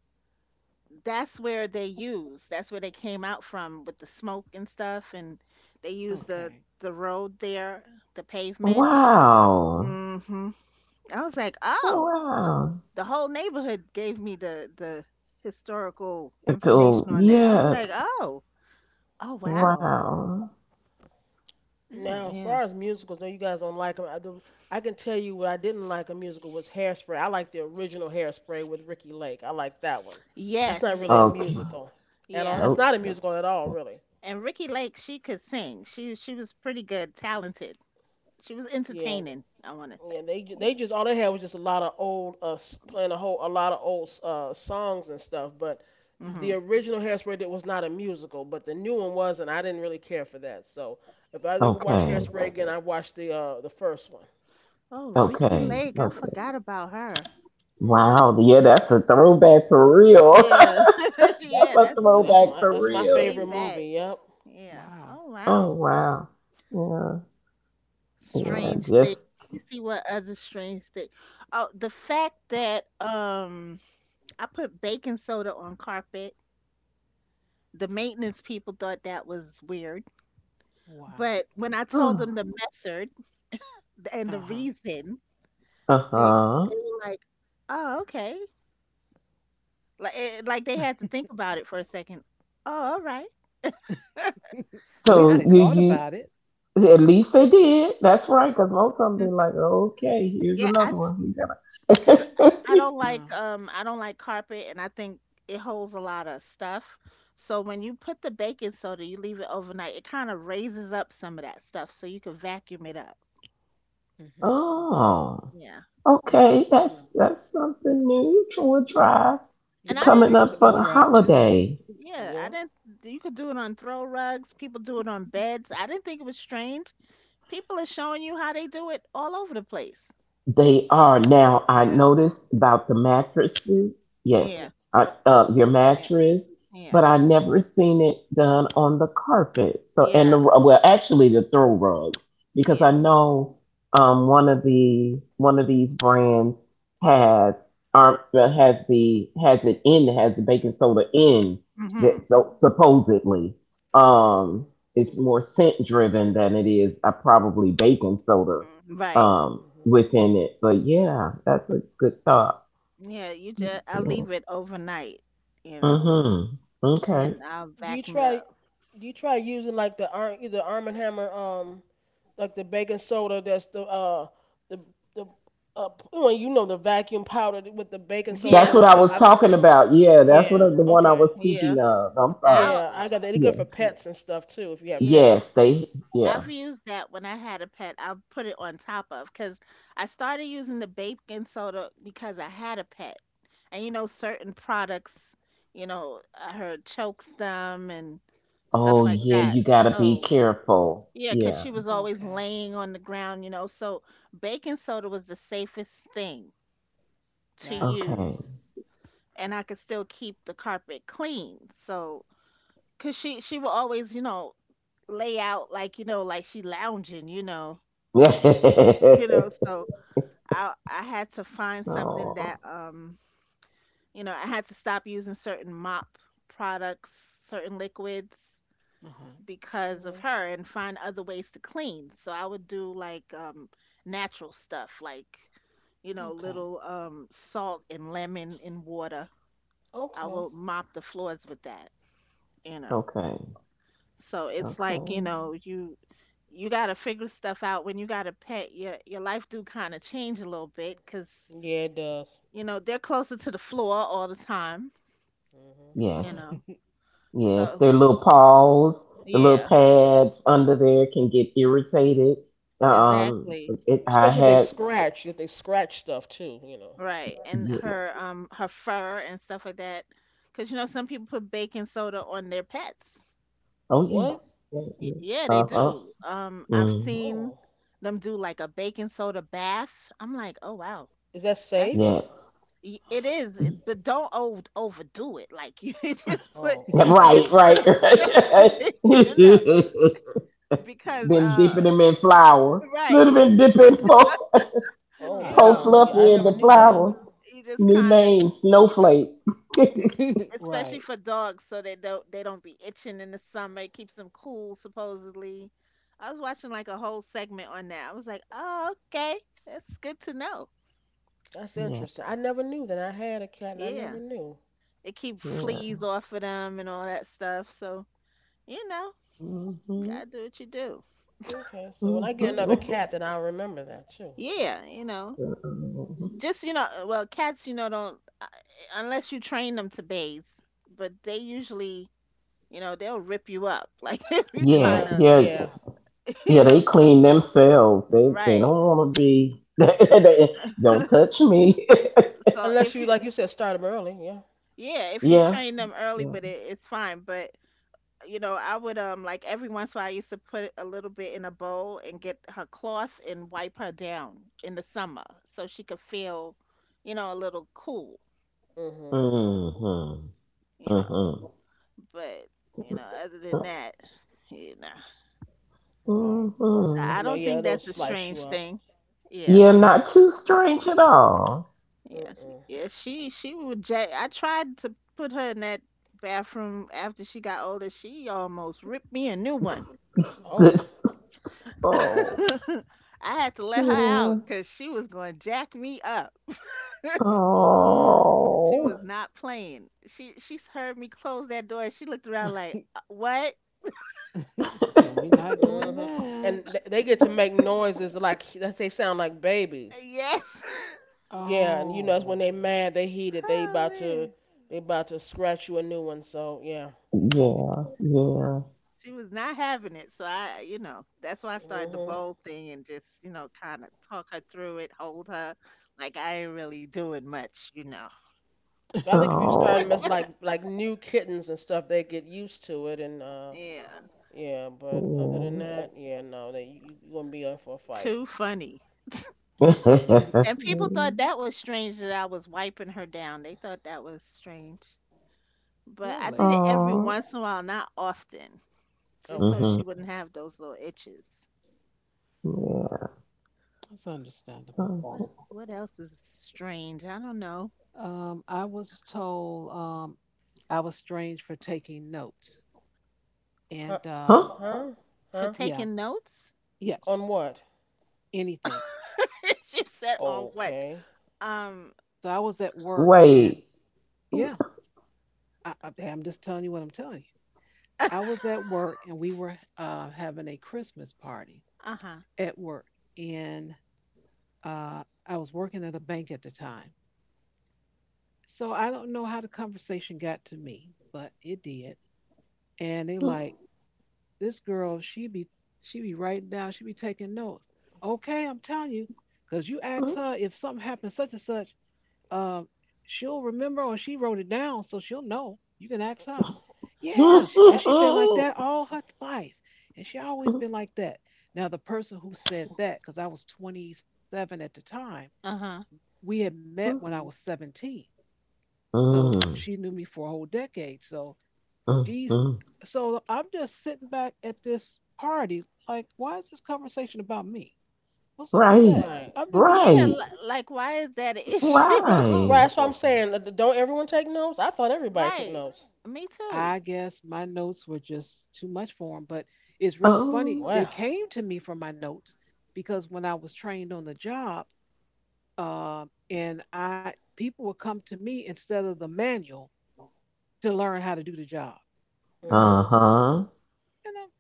that's where they used. That's where they came out from with the smoke and stuff, and they used the
Okay.
the road there, the pavement.
wow.
hmm I was like, oh,
Wow.
the whole neighborhood gave me the the historical
So
information on that. I was
yeah.
like, oh. Oh wow.
Wow.
Now,
Mm.
as
Yeah.
far as musicals, no, you guys don't like them. I, the, I can tell you what I didn't like a musical was Hairspray. I like the original Hairspray with Ricky Lake. I like that one. That's
Yes.
not really a
Okay.
musical at all.
Yeah.
It's
Nope.
not a musical at all, really.
And Ricky Lake, she could sing. She she was pretty good, talented. She was
Yeah,
entertaining, I want to say.
yeah. They ju-
Yeah.
they just all they had was just a lot of old uh s- playing a whole a lot of old uh songs and stuff. But
Uh huh.
the
Mhm.
original Hairspray that was not a musical, but the new one was, and I didn't really care for that. So if I ever watch
Okay.
Hairspray again, I watch the uh the first one.
Oh, Ricky
Okay.
Lake, I
Okay.
forgot about her.
Hmm.
Wow. Yeah, that's a throwback for real.
Yeah.
<laughs>
<laughs>
That's
Yeah,
a
that's
Mm.
Yeah, that's
throwback
my
for
that's my
real.
way
favorite movie.
back.
Yep.
Yeah.
Wow.
Oh
Oh
wow.
wow. Yeah. Yeah.
Um.
Strange thing.
Just.
Let me see what other strange thing. Oh, the fact that um I put baking soda on carpet. The maintenance people thought that was weird.
Wow.
But when I told them the
<sighs>
method, th- and
Uh
the
huh.
reason
Uh
they
huh.
they were like, oh, okay, like it, like they had to think about it for a second. Oh, all right.
<laughs> At least
So
they
I,
thought
you
about it.
you at least they did. That's right. Because most of them
mm,
be like, okay, here's
yeah, I
another one. You
because
gotta.
I don't
Uh.
like um I don't like carpet, and I think it holds a lot of stuff. So when you put the baking soda, you leave it overnight. It kind of raises up some of that stuff, so you can vacuum it up.
<laughs>
Mhm.
Oh.
Yeah,
Yeah.
Okay, that's that's something new. Troy Drive
and I
Yeah. It
coming
didn't.
takes the
up
Mhm.
for the
odor out too.
holiday.
Yeah, I
Yeah.
didn't. You could do it on throw rugs. People do it on beds. I didn't think it was strange. People are showing you how they do it all over the place.
They are now. I
Yeah.
noticed about the mattresses. Yes,
Yeah,
Yes.
I, uh, your
yeah,
mattress,
yeah,
but I never seen it done on the carpet. So and
yeah,
the well, actually the throw rugs because I
yeah.
know um, one of the one of these brands has arm uh, has the has it in has the baking soda in
Mhm.
that so supposedly um
Mhm.
it's more scent driven than it is uh, probably baking soda
mm, Right.
um
Mhm.
within it. But yeah, that's a good thought.
Yeah, you just I leave it overnight, you know,
Mm-hmm.
and
Okay.
then I'll
Do you
vacuum it
try
up.
do you try using like the Ar- the Arm and Hammer um like the baking soda that's the uh the the uh well, you know, the vacuum powder with the baking soda
That's
Yeah,
and
what
with
I
the
was talking
OxiClean.
about. Yeah, that's what I-
Yeah.
the one I
Okay.
was
yeah.
speaking of. I'm sorry.
I'll
Yeah, I got that. It's good
Yeah.
for pets and stuff too if you have
Yeah.
pets.
Yes, they
I've
yeah.
used that when I had a pet. I'll put it on top of because I started using the baking soda because I had a pet, and you know certain products, you know, I heard chokes them and
Oh
stuff like
yeah,
that.
you gotta be
So
careful.
yeah, because
Yeah.
she was always
Okay.
laying on the ground, you know. So baking soda was the safest thing to
Gotcha.
Okay.
use, and I could still keep the carpet clean. So, because she she would always, you know, lay out like you know, like she lounging, you know, you know.
<laughs>
So I I had to find something that
Oh,
um, you know, I had to stop using certain mop products, certain liquids
Uh-huh.
because of
Mhm.
her and find other ways to clean. So I would do like um natural stuff like you know little um salt and lemon in water. I
Okay.
will mop the floors with that, you know.
okay.
So it's like, you
Okay.
know, you you got to figure stuff out when you got a pet. Your your life do kind of change a little bit cuz
Yeah, it does.
you know, they're closer to the floor all the time,
Mhm.
you
Yes.
know.
Okay.
Yes.
So,
Their little paws, the little
yeah,
pads under there can get irritated. Um,
exactly.
it, I
Especially if they Um,
had.
scratch, if they scratch stuff too, you know.
Right, and her
Yes.
um her fur and stuff like that, because you know some people put baking soda on their pets.
Oh yeah.
What?
Yeah.
Y-
Yeah.
yeah, they
Uh huh.
do. Um, I've
Mm.
seen
Oh.
them do like a baking soda bath. I'm like, oh wow,
Is that
that's
safe?
Yes.
y- it is,
Yeah,
it- but don't o- overdo it. Like <laughs> you just
Oh,
put
okay.
you just
right.
<laughs>
put
Right. <laughs>
a <laughs> no,
Right.
<laughs> you know
Now
because
Been
watch
dipping
uh
them
yourself.
in flour. Little
right,
bit dipping po
Oh,
you
po
know
Right.
wow. Yeah, I
fluffy in
never
the
knew that.
flour.
you just
New
kind of,
name snowflake. <laughs>
<laughs>
especially
right.
for dogs so they don't they don't be itching in the summer. It keeps them cool, supposedly. I was watching like a whole segment on that. I was like, oh, okay, that's good to know.
That's
Yeah.
interesting. I never knew that. I had a cat, and I
Yeah,
never knew.
it keep
Yeah.
fleas off of them and all that stuff, so you know
Mm-hmm.
gotta do what you do.
Okay, so
Hmm.
when I get another cat, then I'll remember that too. So
Yeah, you know
<laughs>
just you know uh, well cats you know don't uh, unless you train them to bathe, but they usually you know they'll rip you up <laughs> like if you
Yeah,
try
yeah,
to,
yeah,
yeah.
you
yeah.
know
They clean themselves. They they
right,
don't
Hmm.
want to be. <laughs> They, don't touch me.
so
Unless
if
you,
you.
like you said, start them early. Yeah.
Yeah,
<laughs>
if you
Yeah,
train them early
yeah.
with it, it's fine. But you know, I would um like every once in a while I used to put a little bit in a bowl and get her cloth and wipe her down in the summer so she could feel, you know, a little cool,
Hmm.
Mm-hmm.
you know.
Mm-hmm.
But, you know, other than that, you know.
Right.
So
Mm-hmm.
I
You know,
don't
yeah,
think
they'll
that's a
slice you
strange
up.
thing. Yeah.
Yeah, not too strange at all.
Yeah, she,
Mm-mm.
yeah, she she would ja I tried to put her in that bathroom after she got older. She almost ripped me a new one.
<laughs>
Oh.
<laughs>
Oh,
I had to let her
yeah.
out because she was going to jack me up. <laughs>
Oh, wow.
She
Oh,
was not playing. She she heard me close that door. She looked around
<laughs>
like,
she
"Uh, "What?
said, we're not doing
Hmm. And
that.
th- they get to make noises like they sound like
Uh,
babies.
Yes." <laughs>
Yeah, and you know it's
Oh.
when they mad, they heated, they
Oh
about to
man.
they about to scratch you a new one. So yeah.
yeah, yeah.
Oh.
She was not having it. So I, you know, that's why I started the
Mhm.
bold thing and just, you know, kind of talk her through it, hold her like I ain't really doing much, you know.
I think if you start
Oh,
mess like like new kittens and stuff, they get used to it and uh
Yeah.
yeah. But other than
yeah.
that, yeah, no, they you you you gonna be up for a fight.
Too funny.
<laughs>
<laughs>
And people thought that was strange that I was wiping her down. They thought that was strange. But I did
really?
it every
Oh,
once in a while, not often, just so
Okay.
mm-hmm.
she wouldn't have those little itches.
Yeah.
That's understandable.
What what else is strange? I don't know.
Um, I was told um I was strange for taking notes.
Huh?
And
Huh?
um,
Huh?
For
Huh?
yeah,
taking notes?
On
yes,
what?
anything.
<laughs> She said on what?
Okay.
Um <laughs>
So I was at work and
Wait.
yeah, I, I, hey, I'm just telling you what I'm telling you. I was at work and we were uh, having a Christmas party
Uh-huh.
at work. And uh, I was working at a bank at the time. So I don't know how the conversation got to me, but it did. And they like,
<laughs>
this girl, she be she be writing down, she be taking notes. Okay, I'm telling you, because you ask her if something happened such and such, uh, she'll remember or she wrote it down, so she'll know. You can ask her.
Oh,
Yeah,
sh-
and she
That
been like that
Mm-hmm.
all her life, and she always been like that. Now the person who said that, because I was twenty-seven at the time,
uh-huh.
we had met when I was seventeen. So she knew me for a whole decade. So jeez.
Mm-hmm.
So I'm just sitting back at this party, like, why is this conversation about me? What's up with
Right,
that?
right.
I'm just
Yeah,
looking.
right.
li- like why is that an issue? <laughs>
Right.
Why?
That's what I'm saying. Uh, Don't everyone take notes? I thought everybody took
Right.
notes.
Me
I
too.
guess my notes were just too much for them, but it's real funny.
Oh,
They
Wow.
came to me for my notes because when I was trained on the job, um, and I people would come to me instead of the manual to learn how to do the job,
uh
Cause
Mhm.
huh.
and I'm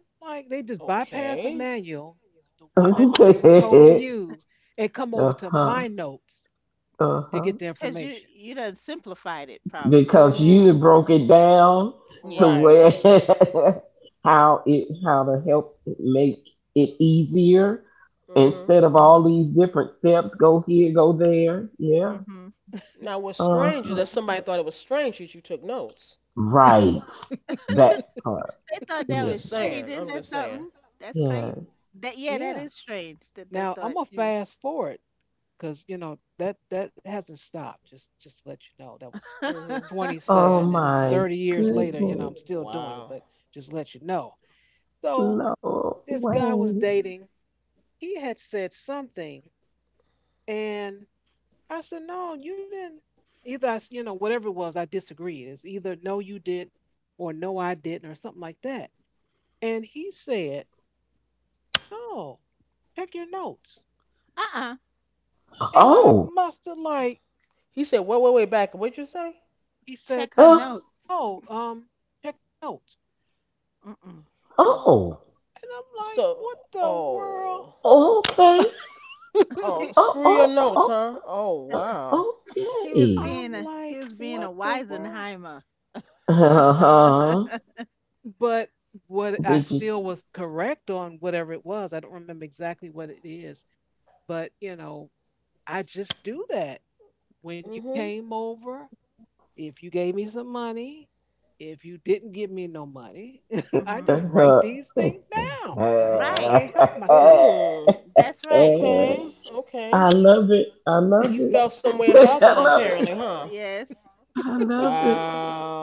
and like, they just bypass the
Okay.
manual, the
Uh
one that they were told
huh.
to use, and come over to
Uh
my notes to get
huh.
the
<laughs>
you
information.
you done simplified it probably.
Because
Mhm.
you broke it down to
Yeah.
Right.
where <laughs> how it how to help make it easier
Hmm.
instead of all these different steps. Go here, go there. Yeah.
Mhm.
Now, what's
Uh
strange
huh.
that somebody thought it was strange that you took notes.
Right. That part.
They thought
I'm
that
Yes.
was
just
strange.
saying.
Isn't
I'm
that
just saying.
something? That's crazy.
Yes.
That yeah, that
Yeah.
is strange that they
Now I'm
thought
gonna
she was.
fast forward because you know that that hasn't stopped. Just just to let you know, that was
Hmm.
<laughs>
twenty-seven
Oh
Yeah.
and thirty
my
years later. You know I'm still
goodness.
doing it, but
Wow.
just let you know. So
No
this guy was
way.
dating. He had said something, and I said, "No, you didn't." Either I, s- you know, whatever it was, I disagreed. It's either no, you did, or no, I didn't, or something like that. And he said, "No, check your notes."
Uh-uh.
And I
Oh.
must have like,
He said, wait, wait, wait, back. What'd you say?
he said,
Check her
Uh,
note.
oh, um, check the notes.
Mm-mm.
oh,
And I'm like,
So,
what the world?
oh.
okay.
Oh,
She
Oh,
screw your
oh,
notes,
oh,
huh? Oh,
uh,
wow.
she
<laughs>
was
I'm
okay.
being a
like,
he was being
what
a
the world?
Weisenheimer.
Uh-huh.
But what I
Did you?
still was correct on whatever it was. I don't remember exactly what it is, but you know, I just do that. When you
Hmm.
came over, if you gave me some money, if you didn't give me no money, <laughs> I just
Hmm.
write these
Uh-huh.
things
<laughs>
down. I, I
Right.
can't help myself.
Mm.
That's right.
Okay. Okay.
I love it. I
He
love
felt some way
it.
about
<laughs>
that,
I love it.
apparently, huh?
Yes.
I love it.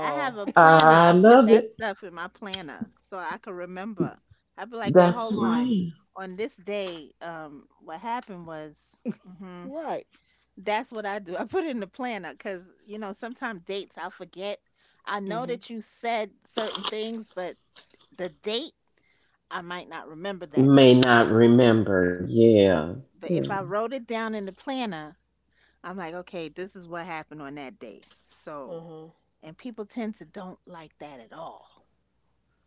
I have a planner.
I
I put
love
that
it.
stuff in my planner so I can remember. I'd be like, wait,
That's
hold on.
right.
On this day, um, what happened was, mhm.
Right.
That's what I do. I put it in the planner because, you know, sometimes dates I'll forget. I know
Mm-hmm.
that you said certain things, but the date, I might not remember that
May
date.
not remember. Yeah.
But if I wrote it down in the planner, I'm like, okay, this is what happened on that day. So,
Uh-huh.
and people tend to don't like that at all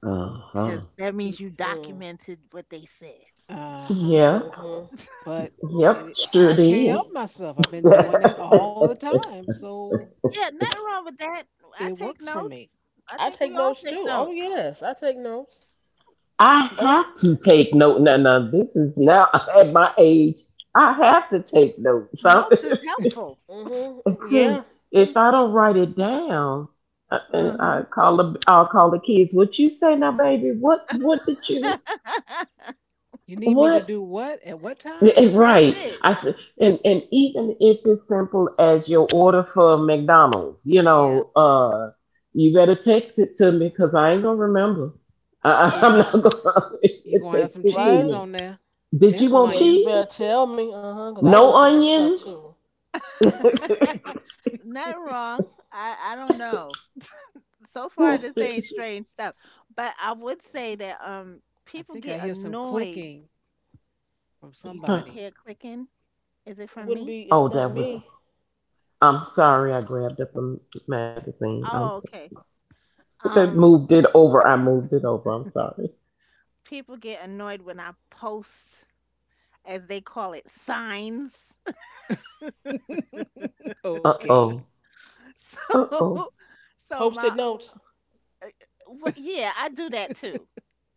Uh huh.
because that means you
Mm.
documented what they said.
Uh huh.
Yeah.
Hmm.
But
Yep.
it,
Sure
I can't
did.
help myself. I've been
<laughs>
doing that all the time, so
Yeah, nothing wrong with that. I
it
take
works for
notes.
me.
I
I
think
take
we all
notes,
take
too. Oh,
notes.
yes. I take notes.
I have to take note. Now, now, this is now <laughs> at my age. I have to take notes. So,
Notes is helpful.
<laughs>
Mm-hmm.
because
Yeah.
if I don't write it down, I, and I
Hmm.
call the, I'll call the kids. What you say now, baby? What what did you
<laughs>
You need me to
what?
do what at what time?
And
That's
right.
it.
I said, and
That's
and
it.
even if it's simple as your order for McDonald's, you
Yeah.
know, uh, you better text it to me because I ain't gonna remember. <laughs> I, I'm
Yeah.
not gonna <laughs>
You're gonna have some
text it to
cheese
Right.
on
me.
there
Did
and
you
some
want
Yeah. You
onions.
cheese?
better tell me. Uh huh. Cause I will
No
forget stuff
onions.
too.
<laughs>
Not wrong. I I don't know. So far
Cause it
this ain't strange stuff. But I would say that um
I
people
think I
get
hear some
annoyed.
clicking from
You can
somebody.
hear clicking. Is it from
wouldn't
me?
be.
Oh,
It's not
that was.
me.
I'm sorry. I grabbed up a m- magazine. I'm. So,
Oh, okay.
that
Um,
moved it over. I moved it over. I'm sorry.
people get annoyed when I post as they call it signs. <laughs>
<laughs>
Uh
Okay.
oh. Uh oh.
So so my
Post-it notes.
uh, what yeah, I do that too.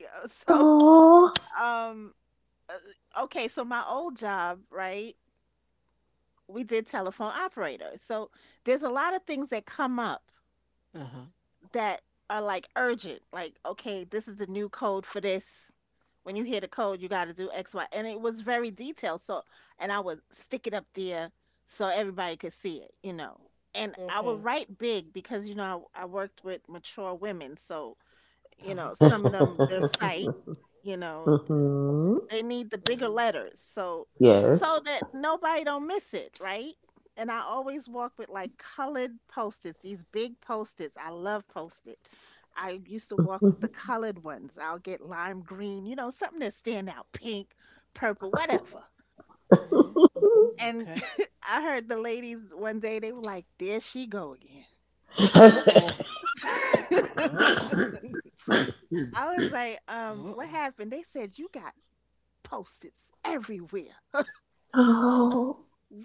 Yeah, so
Oh.
um uh, okay, so my old job, right? We did telephone operators. So there's a lot of things that come up
Uh huh.
that are like urgent, like, okay, this is the new code for this. When you hear the code, you got to do X, Y. And it was very detailed. So, and I would stick it up there so everybody could see it, you know. And I would
Okay.
write big because, you know, I, I worked with mature women. So,
Uh
you know,
huh.
some of them, their
<laughs>
sight, you know,
Hmm.
they need the bigger letters so
Yes.
so that nobody don't miss it, right? And I always walk with like colored post-its, these big post-its. I love post-it. I used to walk with the
<laughs>
colored ones. I'll get lime green, you know, something that stand out, pink, purple, whatever.
Mhm.
And
Okay.
<laughs> I heard the ladies one day they were like, "There she go again."
Uh oh. Uh oh.
<laughs> I was like, um,
Uh
what
oh.
happened? They said you got post-its everywhere.
Oh.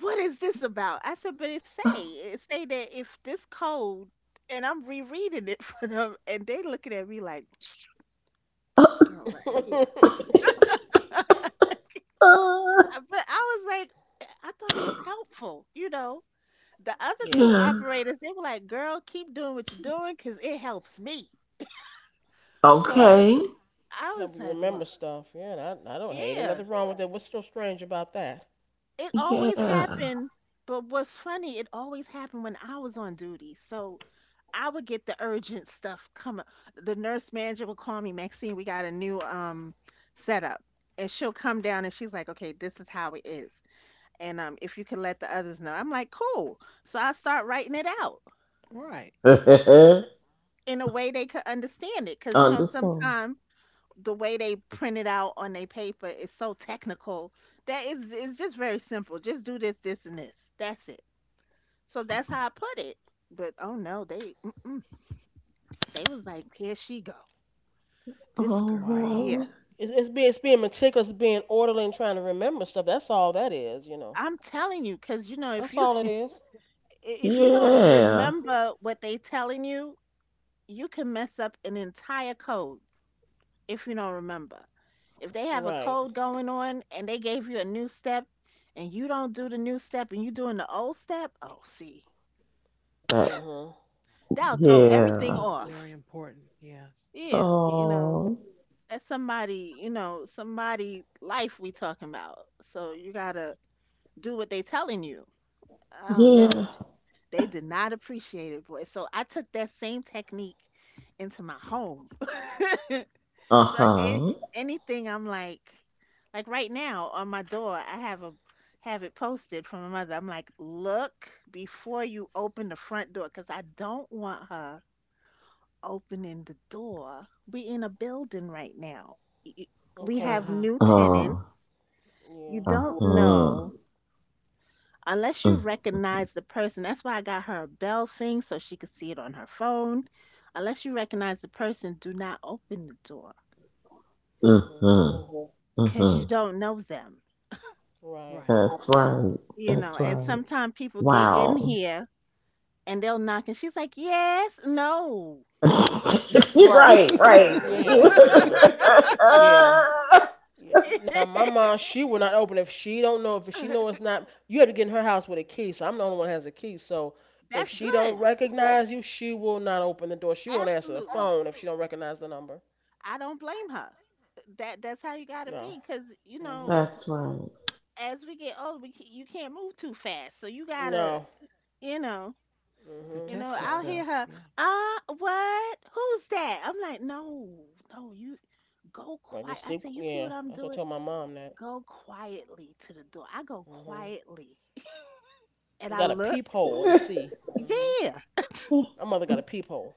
What is this about? I said, but it say it say that if this code, and I'm rereading it <laughs> for them, and they looking at me like <tsk> this girl right here.
Mhm. <laughs>
Uh,
I- But I was like, I I thought it was helpful, you know. The other
yeah.
two
yeah.
operators, they were like, girl, keep doing what you're doing, cause it helps me. So
Right.
Okay.
I
Help
was
you
like, well,
remember stuff. Yeah. And I, I don't hate it.
yeah.
Nothing wrong with it. What's so strange about that?
It always
Yeah.
happened, but what's funny, it always happened when I was on duty. So I would get the urgent stuff coming. The nurse manager would call me, Maxine, we got a new um setup. And she'll come down and she's like, okay, this is how it is. And um, if you can let the others know, I'm like, cool. So I start writing it out
Right.
<laughs>
in a way they could understand it. Cause you know,
Understand.
sometimes the way they print it out on their paper is so technical that it's, it's just very simple. Just do this, this, and this. That's it. So that's how I put it. But oh no, they mm-mm, they was like, here she go, this girl right
Wow.
here.
Oh.
It's it's, being. it's being meticulous, being orderly, and trying to remember stuff. That's all that is. You know.
I'm telling you, because you know if
That's
you
all it
<laughs>
is.
if you don't
Yeah.
remember what they telling you, you can mess up an entire code if you don't remember. If they have a
Right.
code going on and they gave you a new step and you don't do the new step and you doing the old step, oh see,
Uh
Uh,
huh.
that'll throw
Yeah.
everything
yeah.
Very
off.
important. Yes.
Yeah, you know,
Oh,
that's somebody, you know, somebody life we talking about. So you gotta do what they telling you. I don't know.
yeah.
They did not appreciate it, boy. So I took that same technique into my home. <laughs>
Uh
So if
huh.
anything, I'm like, like right now on my door, I have a have it posted from my mother. I'm like, look before you open the front door, because I don't want her opening the door. We in a building right now. Y- We
Uh
have
Okay.
huh.
new
Uh huh.
tenants. You
Yeah.
don't
Mm
know unless you recognize the person. That's why I got her a bell thing so she could see it on her phone. Unless you recognize the person, do not open the door
mm
Mhm.
mm
because
mm.
you don't know them.
Right.
Right.
That's right.
You
That's
know, and
right.
sometimes people get in
Wow.
here and they'll knock and she's like, "Yes, no."
<laughs> You're right.
Right,
Right.
right,
You.
yeah,
<laughs>
yeah, yeah, yeah. Now my mom,
<laughs>
she will not open if she don't know if she know it's not. You have to get in her house with a key, so I'm the only one that has a key. So if
That's
she don't
good.
recognize you, she will not open the door. She won't answer the
Absolutely.
phone if she don't recognize the number.
I don't blame her. That that's how you gotta be,
No.
cause you
<laughs>
know,
Mhm.
That's right. <laughs>
as we get older, we can, you can't move too fast. So you gotta,
No.
you know, you
Protect
Mhm.
know. I'll
So
yourself.
hear her.
Yeah.
Ah, what? Who's that? I'm like, no, no. You go
I just
quiet. I
deep.
say, you see
Yeah,
what I'm
that's what I tell
doing?
my mom that.
Go quietly to the door. I go
Mhm.
quietly, <laughs>
You
and I
got a
look.
peephole and see. Mhm.
Yeah,
My mother got a peephole.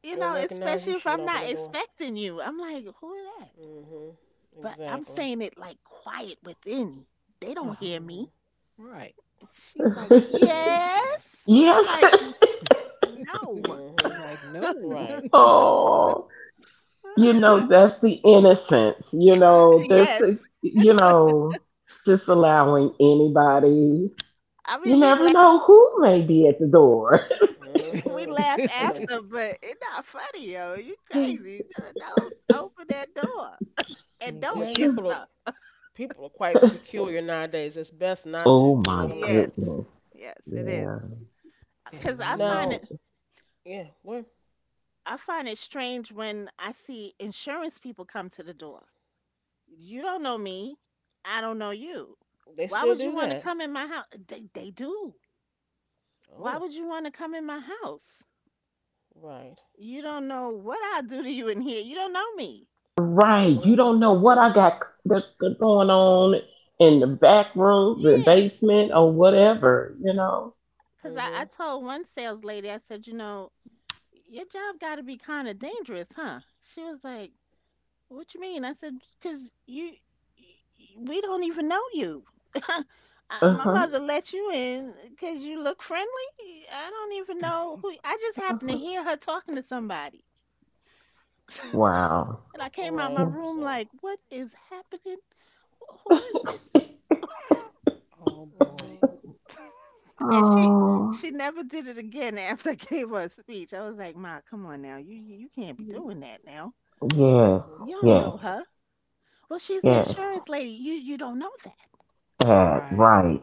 She
you
don't
know,
recognize you,
especially if
she will not
I'm
open the
not
door.
expecting you. I'm like, who is that?
Mhm.
But I'm
Exactly.
saying it like quiet within. They
Uh
don't
huh.
hear
Mhm.
me.
Right.
She's like,
Yeah. So.
yes. I'm
Yes.
like,
<laughs> You,
no.
Mhm.
you're like, no.
Right.
Oh, you know,
<laughs>
that's the innocence. You know, this,
Yes.
you know, just allowing anybody.
I
You
mean, we
never
laugh,
know who may be at the door.
<laughs> we
Mhm.
<laughs> Okay.
laugh
And the
after, but it's not funny, yo. You crazy. Just don't open that door and
and
don't
the people are
answer.
people are quite peculiar nowadays. It's best
<laughs>
not to.
Oh
You know
my
what I mean?
Yes.
goodness.
Yes, it is.
Yeah.
Yeah, you
Because
don't
I
know.
find
Now,
it,
yeah. Well,
I find it strange when I see insurance people come to the door. You don't know me. I don't know you.
they
Why
still
would you
do
want to
that.
come in my house? They, they do. Why
Oh.
would you want to come in my house?
Right.
You don't know what I'll do to you in here. You don't know me.
Right. You
Mhm.
don't know what
Mhm.
I got c- that's that's going on in the back room, the
Yeah.
basement, or whatever, you know?
Because I,
Mhm.
I told one sales lady, I said, you know, your job got to be kind of dangerous, huh? She was like, what you mean? I said, because you, y- we don't even know you. I,
Uh
my
huh.
Mhm.
mother let you in because you look friendly. I don't even
<laughs>
know who. I just happened to
Uh-huh.
hear her talking to somebody.
Wow.
<laughs> And I came out
Right.
my room
So.
like, what is happening? Who is this?
Oh
Mhm.
boy.
<laughs> And she
Oh.
she never did it again <laughs> after I gave her a speech. I was like, Ma, come on now. You you you can't be doing that now.
Mhm.
Yes,
You don't know
yes,
her. Well, she's the
yes.
insurance lady. You you don't know that.
That,
Right.
right.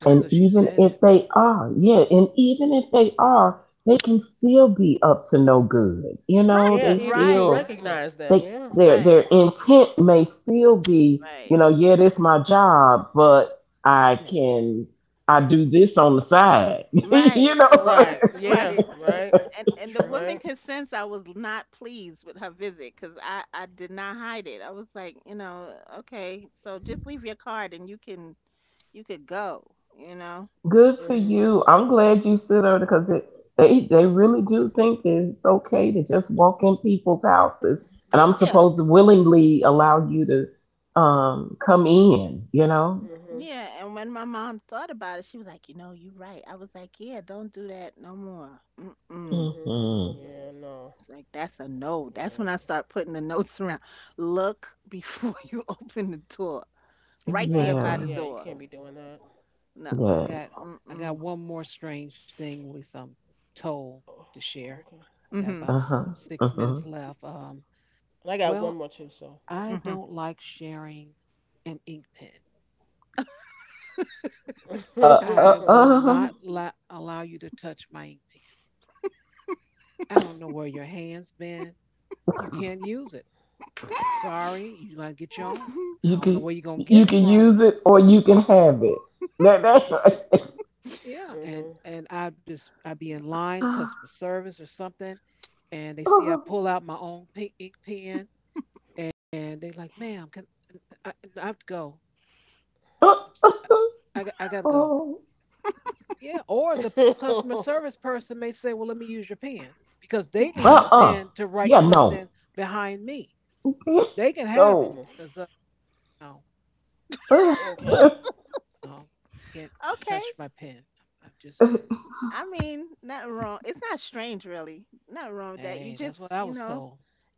Just
And
because she
even
said
if
it.
they are, yeah, and even if they are, they can still be up to no good. You
Right,
know, they
Yeah. Even if you
right.
still
recognize them.
they
Yeah.
their their
Right.
intent may still be, you
Right.
know, yeah, this my job, but I
Yes.
can I do this on the side. <laughs> You
Right.
know,
<laughs>
Right. Yeah.
Right.
Right.
And and the
True.
woman
Right.
could sense I was not pleased with her visit because I, I did not hide it. I was like, you know, okay, so just leave your card and you can you could go, you know.
good for
Mhm.
you. I'm glad you sit on because it, they they really do think that it's okay to just walk in people's houses, and I'm
Yeah.
supposed to willingly allow you to um come in. You know.
Mhm.
Yeah, and when my mom thought about it, she was like, "You know, you're right." I was like, "Yeah, don't do that no more." Mm-mm.
Mhm.
Hmm.
Yeah. No.
It's like that's a no. That's when I
Yeah.
start putting the notes around. Look before <laughs> you open the door. Right there
Exactly.
by
Yeah,
Yeah.
the
you can't be
door.
doing that.
No.
Well, I got
Yes.
I got
Mm-mm.
one more strange thing, at least I'm told to
Oh,
share.
okay.
Got
Mm-hmm.
about
Uh
s-
huh. Uh
six
huh.
minutes left. Um,
And I got
well,
one more too, so
I
okay.
don't like sharing an ink pen.
Uh, uh,
I
<laughs>
will not
um,
la- allow you to touch my ink pen. I don't know where your hands been. You can't use it. I'm
Mm-hmm.
sorry. You gotta get your own. I
you
<laughs>
don't know
can
where you're gonna get
you
it
can
from.
use it or you can have it. That, that,
Yeah, and
mhm.
and I just I be in line, customer
<sighs>
service or something, and they see I pull out my own pink ink pen, and they like, ma'am, can I, I have to go. I'm, s- I, g- I gotta go. Yeah, or the customer
<laughs>
service person may say, well, let me use your pen because they
<laughs>
need a
uh-uh.
pen to
Yeah,
write
no.
something behind me. They can
<laughs>
have it.
No.
mhm.
Because uh, No.
Uh,
Okay.
No, can't
Okay.
touch my pen. I'm just,
I mean, nothing wrong. It's not strange, really. Nothing wrong with that.
hey,
You
that's what I
just,
was
you know,
told.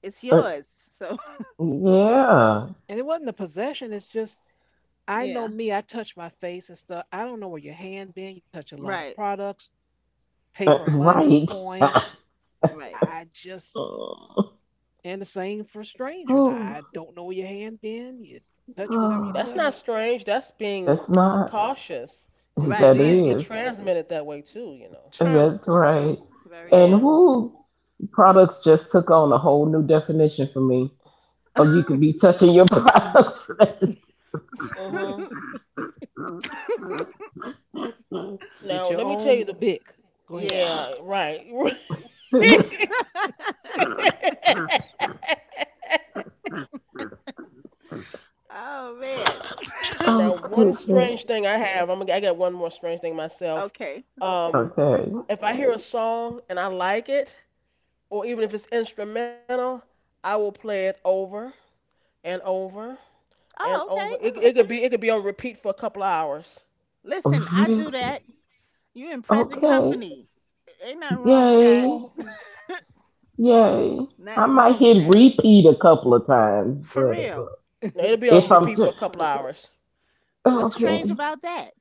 it's
uh,
yours. So
yeah.
And it wasn't a possession. It's just, I know
<laughs> yeah.
me. I touch my face and stuff. I don't know where your hand been. You touch a lot of
Right.
products, paper,
Uh,
Right.
money,
right. <sighs> <laughs>
coins.
Right.
I just, and the same for strangers.
Oh,
I don't know where your hand been. You touch whatever you
oh.
That's not
touch.
strange. That's being
That's not.
cautious. Because
Right.
That
disease
Right.
get
is.
transmitted that way too, you know.
True,
That's
true,
right.
very
And
Yeah.
who products just took on a whole new definition for me.
true.
Oh, you could be touching your products. <laughs> That just.
Mhm.
<laughs>
<laughs>
You get
Now
your
let me tell
own
you the.
bick. Go ahead.
Yeah.
Yeah. Right. <laughs>
<laughs>
Oh man.
now
Oh
one
goodness.
strange thing I have. I'm. gonna- I got one more strange thing myself.
Okay.
Um.
Okay.
If I hear a song and I like it, or even if it's instrumental, I will play it over and over and
Oh,
over.
okay.
It, it could be it could be on repeat for a couple of hours.
Listen, I
Really?
do that. You in present
Okay.
company. Ain't nothing wrong with that.
Yay. Yay. I
Nothing
might
wrong with
hit
that.
repeat a couple of times,
For
but uh,
real.
No, it'll be on
if I'm
repeat
too
for a couple of hours.
What's strange
okay.
about that?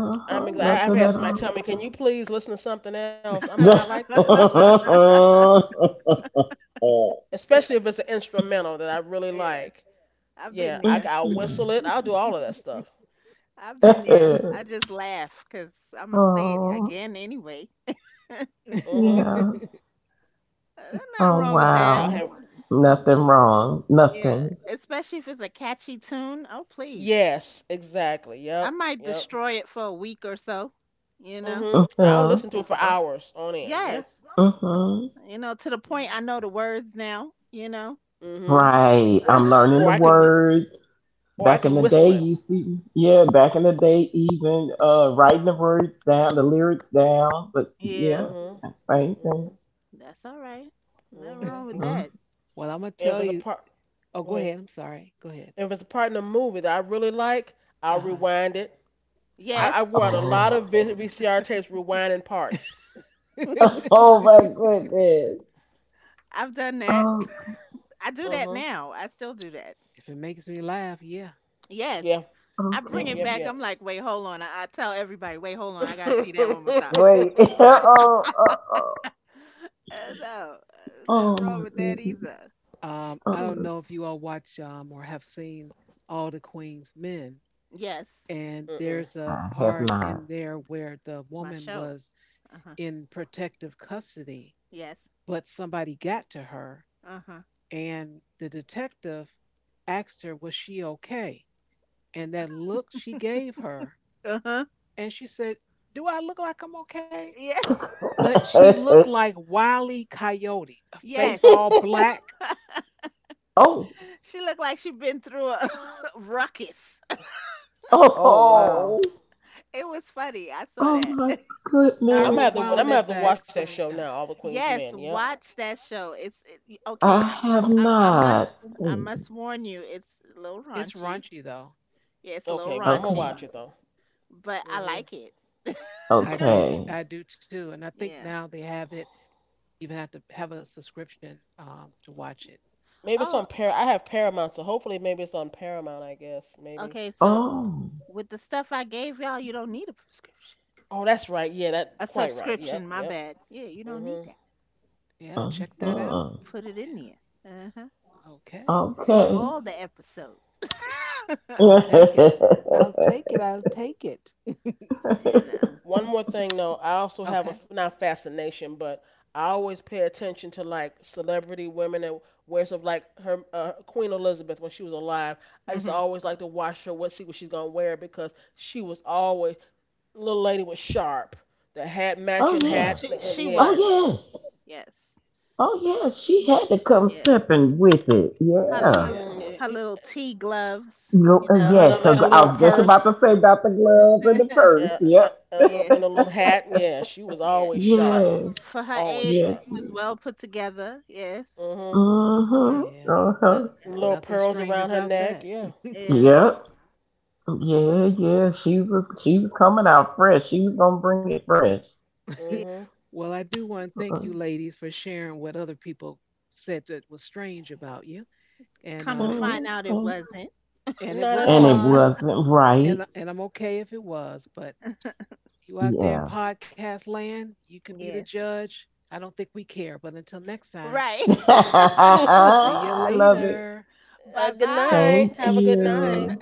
Uh
I
huh.
mean, I-, I've
Nothing at
had somebody tell me, "Can you please listen to something else?" I'm like, "I like this,"
all. <laughs>
especially if it's an instrumental that I really
Yeah.
like.
I've
Yeah,
been
I
there.
will
Mhm.
whistle it. I'll do all of that stuff.
I've been there. I
<laughs>
just laugh because I'm gonna play it
Oh
again anyway.
Mhm.
yeah.
Uh, There's nothing
Oh
wrong with
Yeah,
that.
I'll
wow.
have.
Nothing wrong.
Yeah.
Nothing.
Especially if it's a catchy tune. Oh please.
Yes, exactly.
I
Yep.
might
Yep.
destroy it for a week or so, you know?
Uh
Mhm. I'll
huh.
listen to it for hours on end. Yeah.
Yes.
Uh huh.
You know, to the point I
Mm-hmm.
know the words now, you know?
Mhm.
Right.
Or
I'm
<laughs>
or
learning
I
the
can
words.
or I
Back
can
in the
whistle
day,
it.
you see, yeah, back in the day, even uh, writing the words down, the lyrics down, but
Yeah,
yeah,
Mhm.
same thing.
Mhm.
that's all right. Nothing wrong
Mhm.
with
Mhm.
that.
Well, I'm gonna tell
If it's a
you.
part,
Oh, go
go
ahead.
ahead.
I'm sorry. Go ahead.
If it's a part in a movie that I really like,
Uh
I'll
huh.
rewind it. I,
Yes,
I wore out a lot
Oh,
of v- VCR tapes rewinding parts.
<laughs> If
oh my goodness.
I've done that.
Oh,
I do that
Mhm.
now. I still do that.
it makes me laugh, yeah.
Yes.
Yeah.
I bring
Yep.
it
Yep.
okay.
back.
Yep.
I'm like, wait, hold on. I, I tell everybody, wait, hold on. I got to see that one more time.
Wait. <laughs> Oh, oh,
<laughs>
oh,
<laughs> Uh, no, uh,
oh
nothing wrong
my
with that either.
goodness.
Um, I don't
Oh,
know if you all watch um, or have seen All the Queen's Men,
Yes,
and
Mm-mm.
there's a
I have
part
not.
in there where the
it's my
woman
show.
was
Uh huh.
in protective custody,
Yes.
but somebody got to her,
Uh huh.
and the detective asked her, was she okay? And that look she gave her,
Uh huh.
and she said, do I look like I'm okay?
<laughs> Yes.
But she looked like
<laughs>
Wile E. Coyote, a face
Yes.
all black.
<laughs>
Oh,
She looked like she'd been through a <laughs> ruckus. <laughs>
Oh wow.
oh,
It was funny. I saw
oh
that.
my
I
I'm gonna have
goodness.
to. I'm
rewound that
gonna have to
back
watch
so
that
many
show
times.
now. All the Queen's Men.
Yes,
Yep.
watch that show. It's it,
I
okay.
have
I, I, I must
not
I
seen.
must warn you. It's a little
It's
raunchy.
raunchy though.
Yeah, it's a little
Okay, but I'm gonna
Okay.
raunchy,
watch it though.
but I
Mhm.
like it.
I did.
Okay.
I do too. And I think now
Yeah.
they have it. You even have to have a subscription um, to watch it.
Maybe it's
Oh,
on Par. I have Paramount, so hopefully maybe it's on Paramount. I guess maybe.
okay. So
Oh.
with the stuff I gave y'all, you don't need a prescription.
Oh, that's right. Yeah, that
A
quite right.
subscription.
Yep,
My
yep.
bad. Yeah, you don't need
Mhm.
that.
Yeah, check that out.
Uh-huh.
Put it in
Yeah.
there. Uh huh.
Okay.
See
One
Okay.
all the episodes.
<laughs>
I'll
Oh
take it. I'll take it. I'll take it. <laughs>
<laughs> You
One more thing though. I also
Okay.
have a not fascination, but I always pay attention to like celebrity women and wears of like her uh, Queen Elizabeth when she was alive. I
know.
used to
Hmm.
always like to watch her what see what she's gonna wear because she was always little lady was sharp. The hat matching
yeah.
hat and
She
Oh
was.
yes.
yes.
Yes.
Oh yes. She had to come
Yes.
stepping with it.
her
Yeah.
Yeah.
her, her
Mm,
little tea gloves,
No,
you
uh,
uh
know.
huh.
yes. Her
Let her
gl- I
little
was just about to
purse.
say about the
<laughs>
gloves and the
Yeah,
Uh,
purse.
and
Yep.
and a little
yeah.
in a little hat. Yeah, she was always
For
sharp,
Yes.
for her
always
age,
sharp.
Yes.
she was
Yes.
well put together. Yes.
Mhm.
Uh
Uh,
huh.
Yeah.
Uh
No,
huh.
Little
nothing
pearls
strange
around her
about that.
neck. Yeah.
yeah.
Yep. Yeah, yeah, she was she was coming out fresh. She was gonna bring it fresh.
<laughs>
Yeah.
Mhm.
Well, I do want to thank you
Uh-uh.
ladies for sharing what other people said that was strange about you. And
Come
um
to
it
find
was
out, it
Mhm.
wasn't.
and
Not
it
at
was
And
all.
it
fun
wasn't
and
right.
I- and I'm okay if it was, but you out there in
Yeah.
podcast land, you can be the
Yes.
judge. I don't think we care. But until next time,
Right.
<laughs>
<laughs> uh,
see you
I love it.
later.
<laughs> Bye
good
bye.
Thank
night. Have a good night.
you.